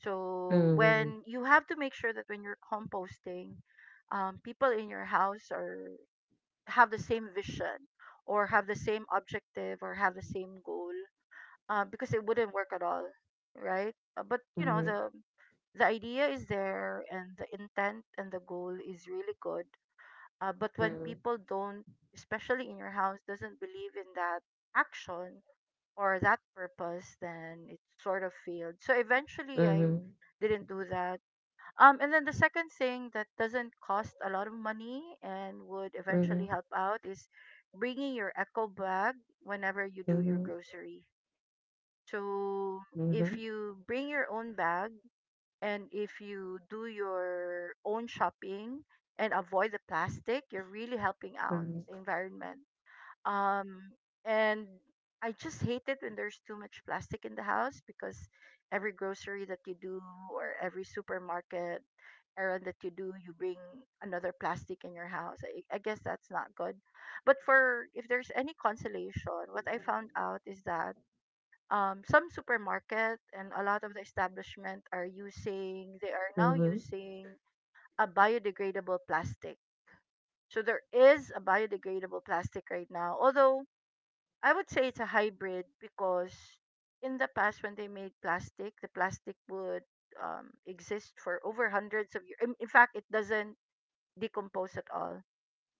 S3: So
S1: Mm-hmm.
S3: when you have to make sure that when you're composting, people in your house are have the same vision, or have the same objective, or have the same goal, because it wouldn't work at all, right? But you know
S1: Mm-hmm.
S3: the idea is there, and the intent and the goal is really good. But when people don't, especially in your house, doesn't believe in that action or that purpose, then it sort of failed. So eventually, I didn't do that, and then the second thing that doesn't cost a lot of money and would
S1: Mm-hmm.
S3: eventually help out is bringing your eco bag whenever you do your grocery. So
S1: Mm-hmm.
S3: if you bring your own bag and if you do your own shopping and avoid the plastic, you're really helping out the
S1: Mm-hmm.
S3: environment, um and I just hate it when there's too much plastic in the house, because every grocery that you do or every supermarket errand that you do, you bring another plastic in your house. I guess that's not good, but for if there's any consolation, what I found out is that, some supermarket and a lot of the establishment are using they are now using a biodegradable plastic. So there is a biodegradable plastic right now, although I would say it's a hybrid, because in the past when they made plastic, the plastic would, exist for over hundreds of years. In fact, it doesn't decompose at all.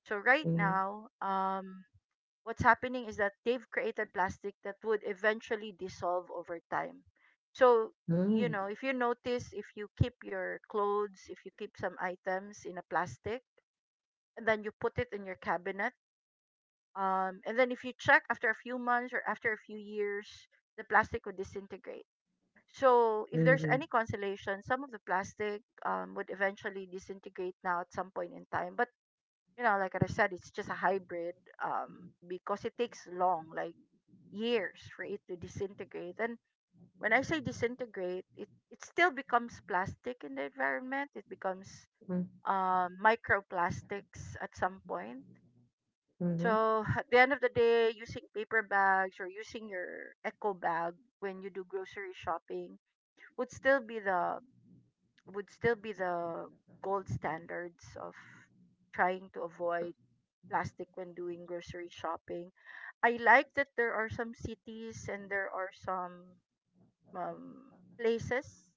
S3: So right now, what's happening is that they've created plastic that would eventually dissolve over time. So you
S1: Mm-hmm.
S3: know, if you notice, if you keep your clothes, if you keep some items in a plastic, and then you put it in your cabinet, and then if you check after a few months or after a few years, the plastic would disintegrate. So if there's
S1: Mm-hmm.
S3: any consolation, some of the plastic, would eventually disintegrate now at some point in time. But like I said, it's just a hybrid, um, because it takes long, like years, for it to disintegrate. And when I say disintegrate, it still becomes plastic in the environment. It becomes,
S1: Mm,
S3: microplastics at some point,
S1: mhm,
S3: so at the end of the day, using paper bags or using your eco bag when you do grocery shopping would still be the would still be the gold standards of trying to avoid plastic when doing grocery shopping. I like that there are some cities and there are some, um, places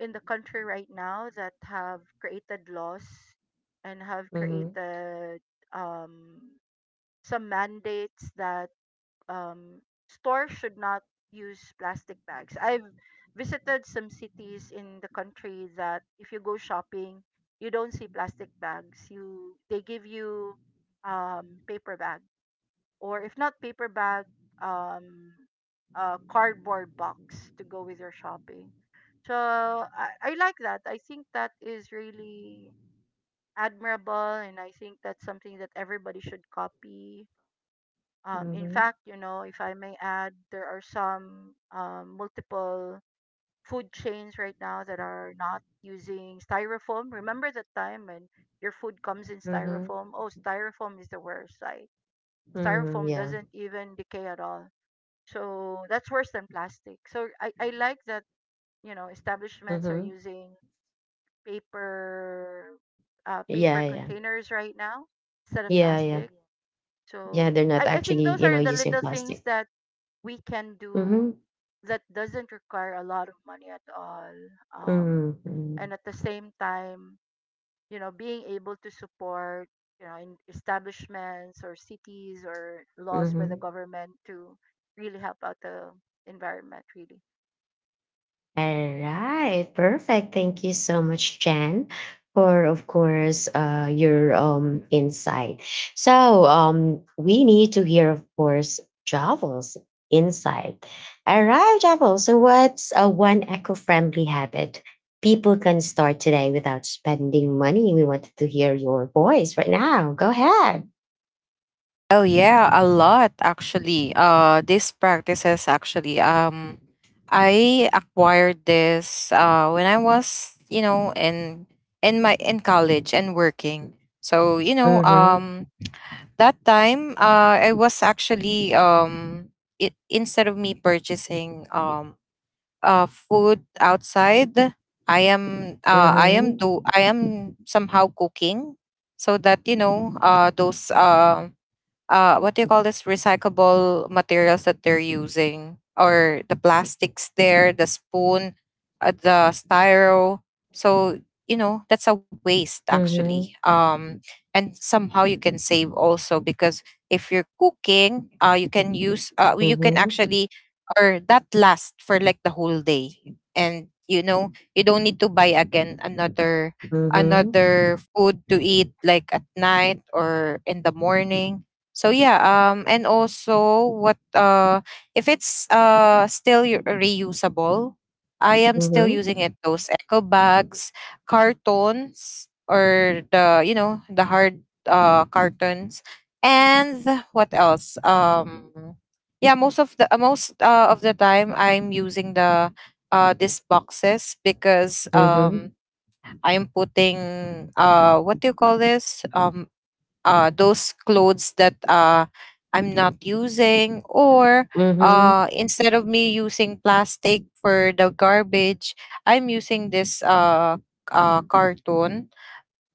S3: in the country right now that have created laws and have
S1: mhm,
S3: created, um, some mandates that, um, stores should not use plastic bags. I've visited some cities in the country that if you go shopping, you don't see plastic bags. You They give you, paper bag, or if not paper bag, um, a cardboard box to go with your shopping. So I like that. I think that is really admirable, and I think that's something that everybody should copy, in
S1: mhm,
S3: fact, you know, if I may add, there are some, multiple food chains right now that are not using styrofoam. Remember the time when your food comes in
S1: mhm,
S3: styrofoam? Oh, styrofoam is the worst. Like
S1: mhm,
S3: styrofoam
S1: yeah,
S3: doesn't even decay at all. So that's worse than plastic. So I like that, establishments are
S1: mhm,
S3: using paper,
S1: yeah,
S3: paper
S1: yeah,
S3: containers right now instead of
S1: yeah, yeah,
S3: plastic.
S1: yeah.
S3: So
S1: They're not
S3: I think
S1: actually,
S3: those
S1: you know,
S3: are the
S1: using
S3: little things
S1: plastic.
S3: that we can do
S1: Mm-hmm,
S3: that doesn't require a lot of money at all. Um,
S1: mm-hmm,
S3: and at the same time, being able to support, in establishments or cities or laws by the
S1: mm-hmm.
S3: government to really help out the environment, really.
S1: All right, perfect. Thank you so much, Jen, for of course your insight. So we need to hear, of course, Javel's insight. All right, Javel. So what's a one eco-friendly habit people can start today without spending money? We wanted to hear your voice right now. Go ahead.
S2: Oh yeah, a lot actually. These practices actually. I acquired this when I was you know in my in college and working. So you know
S1: Mm-hmm.
S2: that time I was actually it, instead of me purchasing food outside,
S1: Mm-hmm.
S2: I am somehow cooking, so that you know those what do you call this, recyclable materials that they're using, or the plastics, there the spoon, the styro. So you know that's a waste actually.
S1: Mm-hmm.
S2: And somehow you can save also because if you're cooking you can use, you can actually, or that lasts for like the whole day, and you know you don't need to buy again another,
S1: Mm-hmm. Mm-hmm.
S2: another food to eat like at night or in the morning. So yeah, and also what if it's reusable, I am still
S1: Mm-hmm.
S2: using it. Those eco bags, cartons, or the you know the hard cartons, and what else? Yeah, most of the time I'm using the these boxes because
S1: Mm-hmm.
S2: I'm putting what do you call this, those clothes that I'm not using, or
S3: Mm-hmm.
S2: instead of me using plastic for the garbage, I'm using this carton.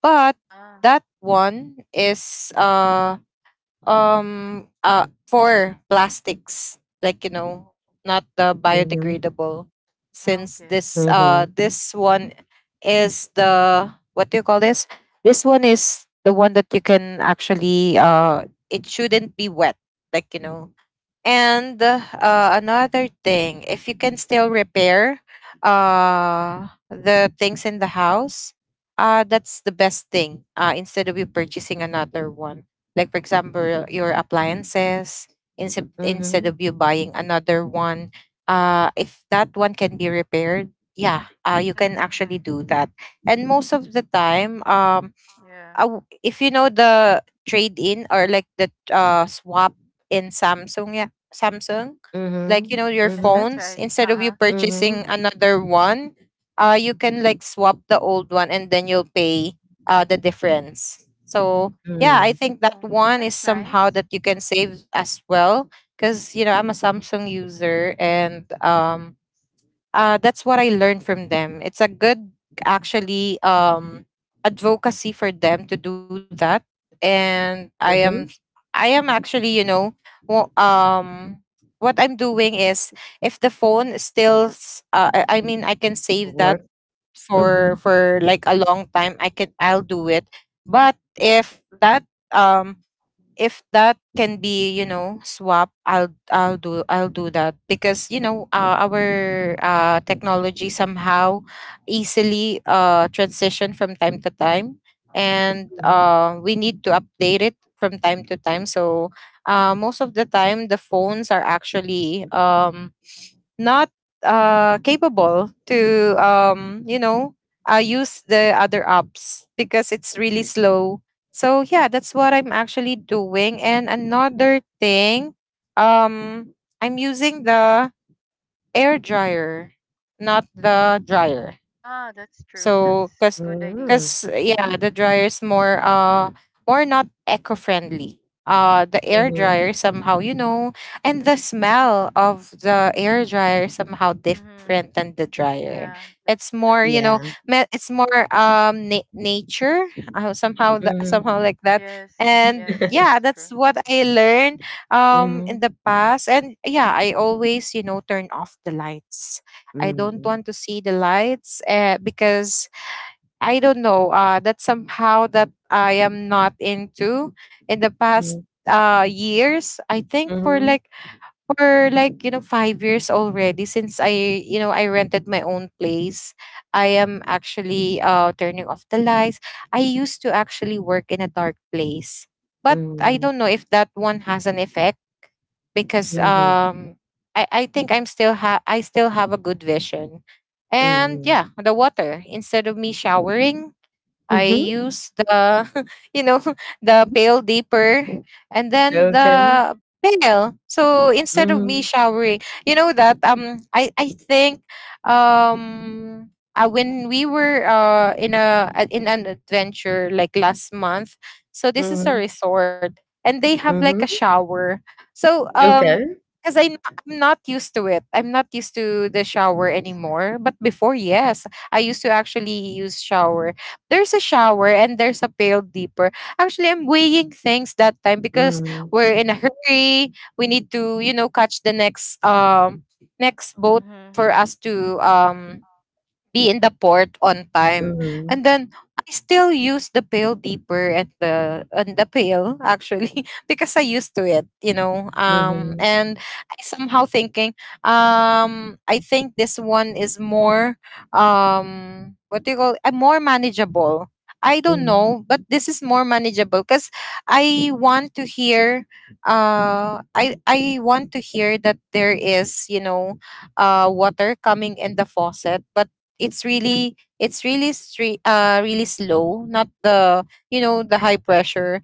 S2: But
S3: Ah,
S2: that one is for plastics like you know, not the
S1: Mm-hmm.
S2: biodegradable,
S3: ah,
S2: since
S3: okay.
S2: this
S1: Uhum,
S2: this one is the, what do you call this, this one is the one that you can actually it shouldn't be wet, like you know. And another thing, if you can still repair the things in the house, that's the best thing instead of you purchasing another one. Like, for example, your appliances, instead
S1: uhum,
S2: of you buying another one, if that one can be repaired, yeah, you can actually
S3: Mm-hmm.
S2: do that. And most of the time,
S3: Yeah.
S2: if you know the trade in, or like the swap in Samsung, yeah, Samsung, like
S1: uhum,
S2: you know your
S3: Yes,
S1: uhum,
S3: that's
S2: phones,
S3: right.
S2: instead
S3: Uh
S2: of you
S3: huh.
S2: purchasing
S1: uhum,
S2: another one, you can like swap the old one and then you'll pay the difference. So yeah, I
S1: mm,
S2: think that
S3: Oh,
S2: one is
S3: that's
S2: somehow
S3: nice.
S2: that you can save as well because you know I'm a Samsung user. And that's what I learned from them. It's a good, actually, advocacy for them to do that. And
S1: mhm,
S2: I am actually, you know, wo- um, what I'm doing is if the phone still, I mean, I can save that
S1: Work. Mhm,
S2: for like a long time, I can, I'll do it. But um if that can be you know swap, I'll do that because you know our technology somehow easily transition from time to time, and
S1: mhm.
S2: we need to update it from time to time. So most of the time the phones are actually not capable to you know use the other apps because it's really slow. So yeah, that's what I'm actually doing. And another thing, um I'm using the air dryer, not the dryer.
S3: Ah, that's true.
S2: So,
S3: That's good idea.
S1: Yeah,
S2: cause yeah, the dryer is more not eco friendly. The air
S1: mhm.
S2: dryer somehow, you know, and the smell of the air dryer somehow
S3: Mm-hmm.
S2: different than the dryer.
S3: Yeah,
S2: It's
S3: that's true.
S2: more, you know,
S1: Yeah.
S2: it's more nature somehow the,
S1: Mhm.
S2: somehow like that.
S3: Yes,
S2: And
S3: yes,
S2: yeah,
S3: that's
S2: that's
S3: true.
S2: what I learned in
S1: Mhm,
S2: the past. And yeah, I always you know turn off the lights. I don't want to see the lights because I don't know, that's somehow that I am not into in the past
S1: mm,
S2: years. I think for
S1: Mm-hmm.
S2: like you know 5 years already since I you know I rented my own place, I am actually turning off the lights. I used to actually work in a dark place, but I
S1: Mm-hmm.
S2: don't know if that one has an effect because
S1: mm, mhm,
S2: I think I'm still ha I still have a good vision. And
S1: mm,
S2: yeah, the water, instead of me showering,
S1: mhm,
S2: I
S1: mhm.
S2: use the, you know, the
S1: Mhm.
S2: pail deeper and then
S1: Okay.
S2: the pail. So instead of me
S1: Mhm,
S2: showering, you know that I think um when we were in an adventure like last month, so this is a
S1: mhm,
S2: resort and they have like
S1: mhm.
S2: a shower. So
S1: Okay.
S2: because I'm not used to it, I'm not used to the shower
S3: That's
S2: anymore. But before, yes, I used to actually use shower. There's a shower and there's a pail deeper. Actually, I'm weighing things that time because
S1: Mhm,
S2: we're in a hurry. We need to, you know, catch the next next boat
S3: nice.
S2: for us to um be in the port on time.
S1: mhm,
S2: And then I still use the pail deeper and the pail actually because I used to it, you know.
S1: mhm,
S2: And I somehow thinking, I think this one is more what do you call more manageable. I don't
S1: mhm,
S2: know, but this is more manageable because I want to hear I want to hear that there is, you know, water coming in the faucet, but it's really really slow, not the you know the high pressure.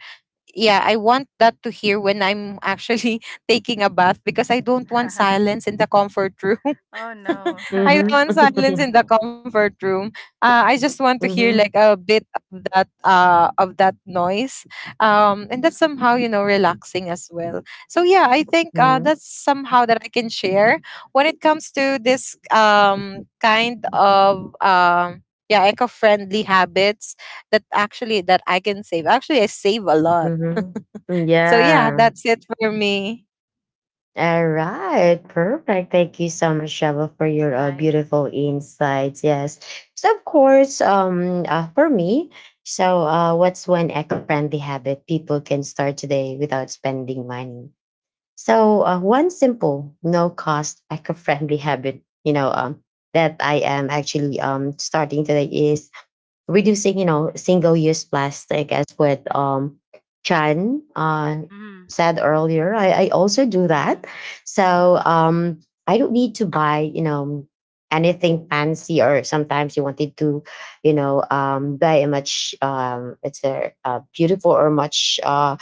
S2: Yeah, I want that to hear when I'm actually taking a bath because I don't want
S3: Mm-hmm.
S2: silence in the comfort room.
S3: Oh no,
S2: I
S1: mhm,
S2: want silence in the comfort room. I just want to hear
S1: mhm,
S2: like a bit of that of that noise. And that's somehow you know relaxing as well. So yeah, I think
S1: mhm,
S2: that's somehow that I can share when it comes to this kind of yeah, eco-friendly habits that actually that I can save. Actually, I save a lot.
S1: mhm.
S2: So yeah,
S1: Yeah.
S2: that's it for me.
S1: All right, perfect. Thank you so much, Shava, for your
S3: that's nice.
S1: beautiful insights. Yes. So, of course, for me, so what's one eco-friendly habit people can start today without spending money? So, one simple, no-cost, eco-friendly habit, that I am actually starting today is reducing, you know, single use plastic as what Chan
S3: Mm-hmm.
S1: said earlier. I also do that.
S3: Mm-hmm.
S1: So
S3: Mm-hmm.
S1: I don't need to buy, you know, anything fancy, or sometimes you wanted to, you know, buy a much it's a beautiful or much uh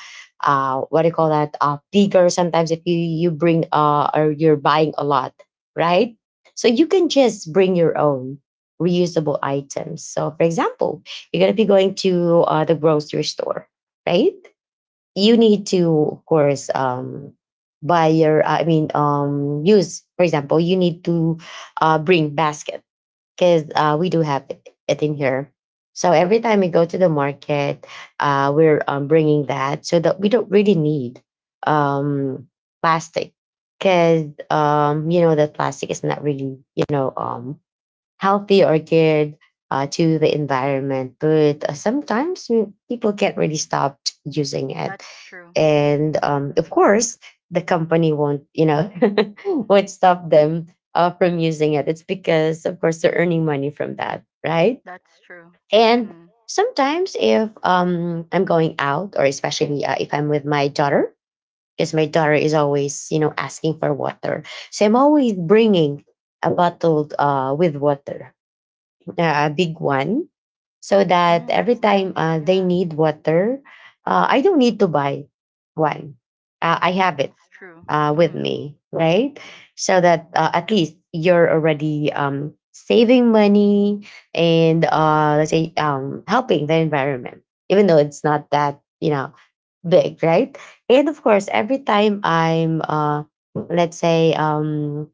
S1: uh, what do you call that? Bigger. Sometimes if you you bring or you're buying a lot, right? So you can just bring your own reusable items. So, for example, you're going to be going to the grocery store, right? You need to, of course, buy your, I mean, use, for example, you need to bring basket because we do have it in here. So every time we go to the market, we're bringing that so that we don't really need um, plastic, because you know that plastic is not really you know healthy or good to the environment. But sometimes people can't really stop using it,
S3: That's true.
S1: and of course, the company won't, you know, won't stop them from using it. It's because, of course, they're earning money from that, right?
S3: That's true.
S1: And
S3: Mm.
S1: sometimes, if I'm going out, or especially if I'm with my daughter. Because my daughter is always, you know, asking for water. So I'm always bringing a bottle with water, a big one, so that
S3: Mm,
S1: every
S3: that's
S1: time
S3: nice.
S1: they
S3: Yeah,
S1: need water, I don't need to buy one. I have it
S3: that's true.
S1: with
S3: Mm-hmm.
S1: me, right? So that at least you're already saving money and let's say helping the environment, even though it's not that you know big, right? And of course, every time I'm let's say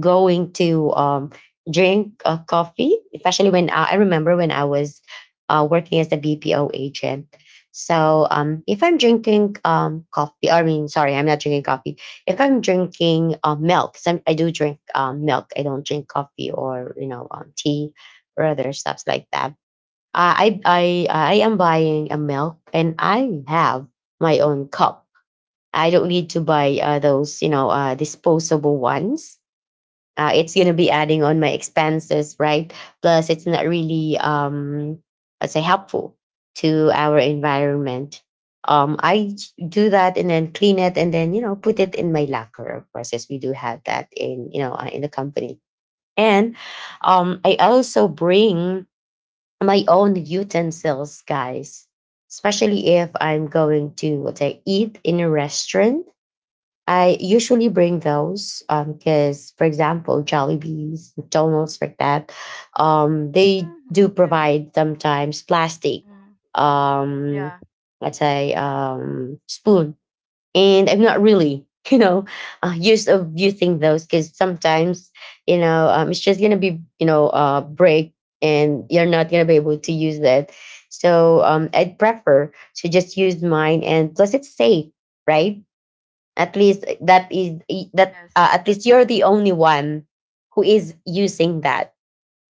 S1: going to drink coffee, especially when I remember when I was working as a BPO agent. So if I'm drinking coffee, I mean, sorry, I'm not drinking coffee. If I'm drinking milk, 'cause I do drink milk. I don't drink coffee or you know tea or other stuffs like that. Uh, I I I am buying a milk, and I have my own cup. I don't need to buy those, you know, disposable ones. Uh, it's going to be adding on my expenses, right? Plus it's not really I'd say helpful to our environment. I do that and then clean it and then you know put it in my locker, of course, as we do have that in you know in the company. And I also bring my own utensils, guys, especially if I'm going to let's say eat in a restaurant. I usually bring those because, for example, Jollibees, McDonald's, like that, they do
S3: Mm, okay.
S1: provide sometimes plastic,
S3: Mm.
S1: um,
S3: Yeah.
S1: let's say, spoon. And I'm not really, you know, used of using those, because sometimes, you know, it's just gonna be, you know, break, and you're not gonna be able to use that. So I'd prefer to just use mine, and plus it's safe, right? At least that is that
S3: Yes,
S1: at least
S3: that's
S1: you're
S3: right.
S1: the only one who is using that,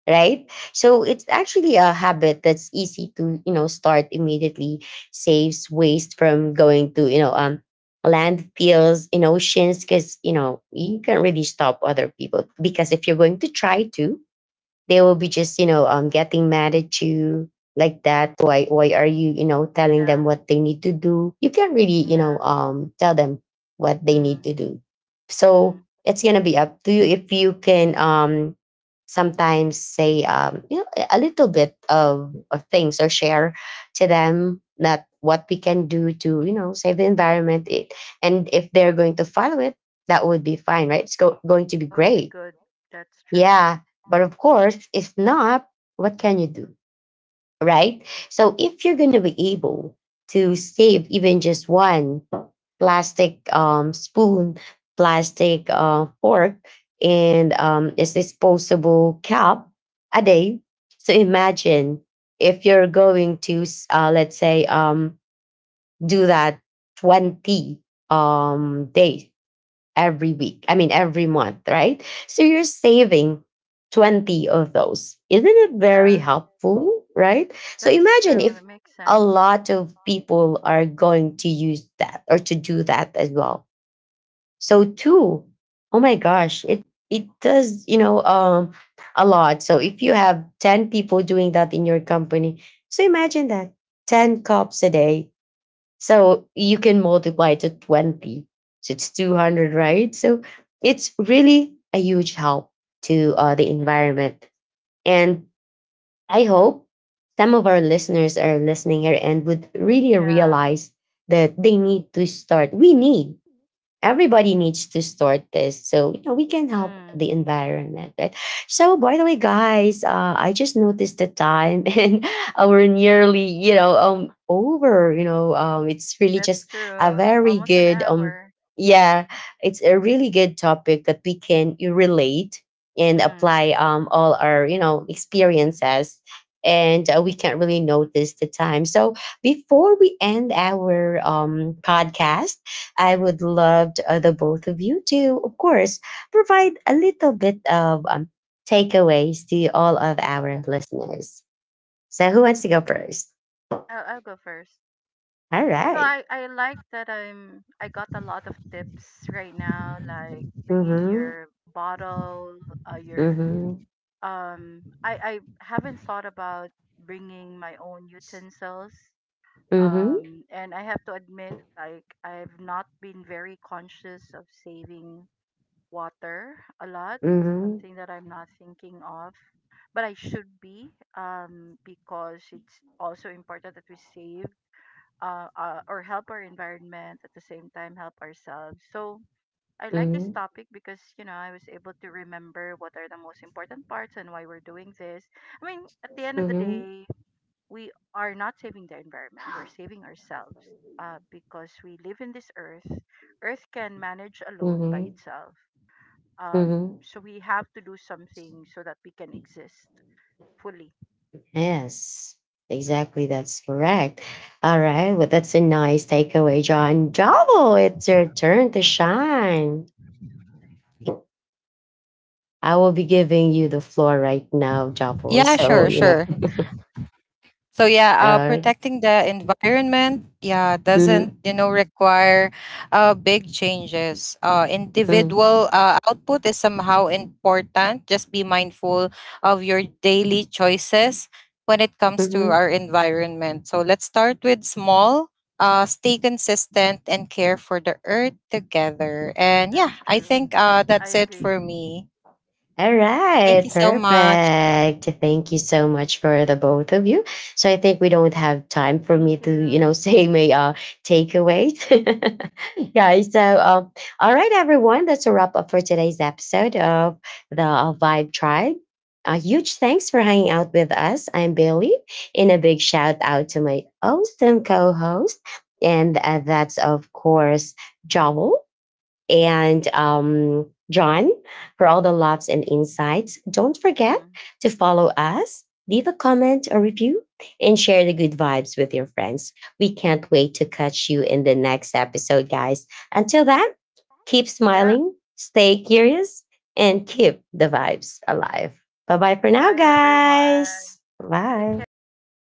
S1: right? So it's actually a habit that's easy to you know start immediately. Saves waste from going to you know landfills in oceans, because you know you can't really stop other people, because if you're going to try to, they will be just you know getting mad at you, like that, why are you you know telling them
S3: Yeah.
S1: what they need to do. You can't really you know
S3: Yeah.
S1: tell them what they need
S3: Mm.
S1: to do, so
S3: Mm.
S1: it's gonna be up to you if you can sometimes say you know a little bit of things, or share to them that what we can do to you know save the environment it, and if they're going to follow it, that would be fine, right? It's going to be
S3: That would be
S1: great,
S3: good. That's true.
S1: yeah, but of course, if not, what can you do? Right? So if you're going to be able to save even just one plastic spoon, plastic fork, and this disposable cup a day, so imagine if you're going to, let's say, do that 20 days every week. I mean, every month, right? So you're saving 20 of those. Isn't it very
S3: Yeah.
S1: helpful, right? So
S3: That's
S1: imagine
S3: true. That
S1: if
S3: makes
S1: a
S3: sense.
S1: lot of people are going to use that or to do that as well. So two, oh my gosh, it does, you know, a lot. So if you have 10 people doing that in your company, so imagine that 10 cups a day, so you can multiply to 20. So it's 200, right? So it's really a huge help to the environment. And I hope some of our listeners are listening here and would really
S3: Yeah.
S1: realize that they need to start. We need everybody needs to start this so you know we can help
S3: Mm.
S1: the environment, right? So by the way, guys, I just noticed the time and we're nearly you know over you know it's really just
S3: That's
S1: a
S3: true.
S1: very
S3: Almost an
S1: good
S3: hour.
S1: yeah it's a really good topic that we can relate and
S3: Mm.
S1: apply all our you know experiences, and we can't really notice the time. So before we end our podcast, I would love to, the both of you to, of course, provide a little bit of takeaways to all of our listeners. So, who wants to go first?
S3: I'll go first.
S1: All
S3: So
S1: right.
S3: I like that, I got a lot of tips right now, like bringing
S1: Mm-hmm.
S3: your bottle, your.
S1: Mm-hmm.
S3: I haven't thought about bringing my own utensils.
S1: Mm-hmm.
S3: And I have to admit, like I've not been very conscious of saving water a lot. It's
S1: Mm-hmm.
S3: something that I'm not thinking of, but I should be, because it's also important that we save, or help our environment, at the same time help ourselves. So I like this
S1: Mm-hmm.
S3: topic because you know I was able to remember what are the most important parts and why we're doing this. I mean, at the end of the
S1: Mm-hmm.
S3: day, we are not saving the environment; we're saving ourselves, because we live in this earth. Earth can manage alone by
S1: Mm-hmm.
S3: itself,
S1: Mm-hmm.
S3: so we have to do something so that we can exist fully.
S1: Yes, exactly. That's correct. All right. Well, that's a nice takeaway, John. Javo, it's your turn to shine. I will be giving you the floor right now, Javo.
S2: Yeah,
S1: So,
S2: sure,
S1: you know,
S2: sure. So yeah,
S1: all.
S2: protecting the environment, yeah,
S1: Mm-hmm.
S2: doesn't you know require big changes. Individual output is somehow important. Just be mindful of your daily choices when it comes to our environment. So let's start with small. Stay consistent and care for the earth together. And yeah,
S3: That's
S2: I
S3: true.
S2: think
S3: I
S2: that's it
S3: agree.
S2: for me.
S1: All
S2: Thank
S1: right,
S2: you so much.
S1: perfect. Thank you so much for the both of you. So I think we don't have time for me
S3: Thank
S1: to, you know,
S3: you.
S1: say my takeaways. Yeah, so all right, everyone, that's a wrap up for today's episode of the Vibe Tribe. A huge thanks for hanging out with us. I'm Bailey, and a big shout out to my awesome co-host, and that's of course Joel, and John, for all the loves and insights. Don't forget
S3: Mm.
S1: to follow us, leave a comment or review, and share the good vibes with your friends. We can't wait to catch you in the next episode, guys. Until then, keep
S3: Yeah.
S1: smiling, stay curious, and keep the vibes alive. Bye bye for now,
S3: Bye,
S1: guys.
S3: everyone. Take
S1: Bye.
S3: care.
S2: All right.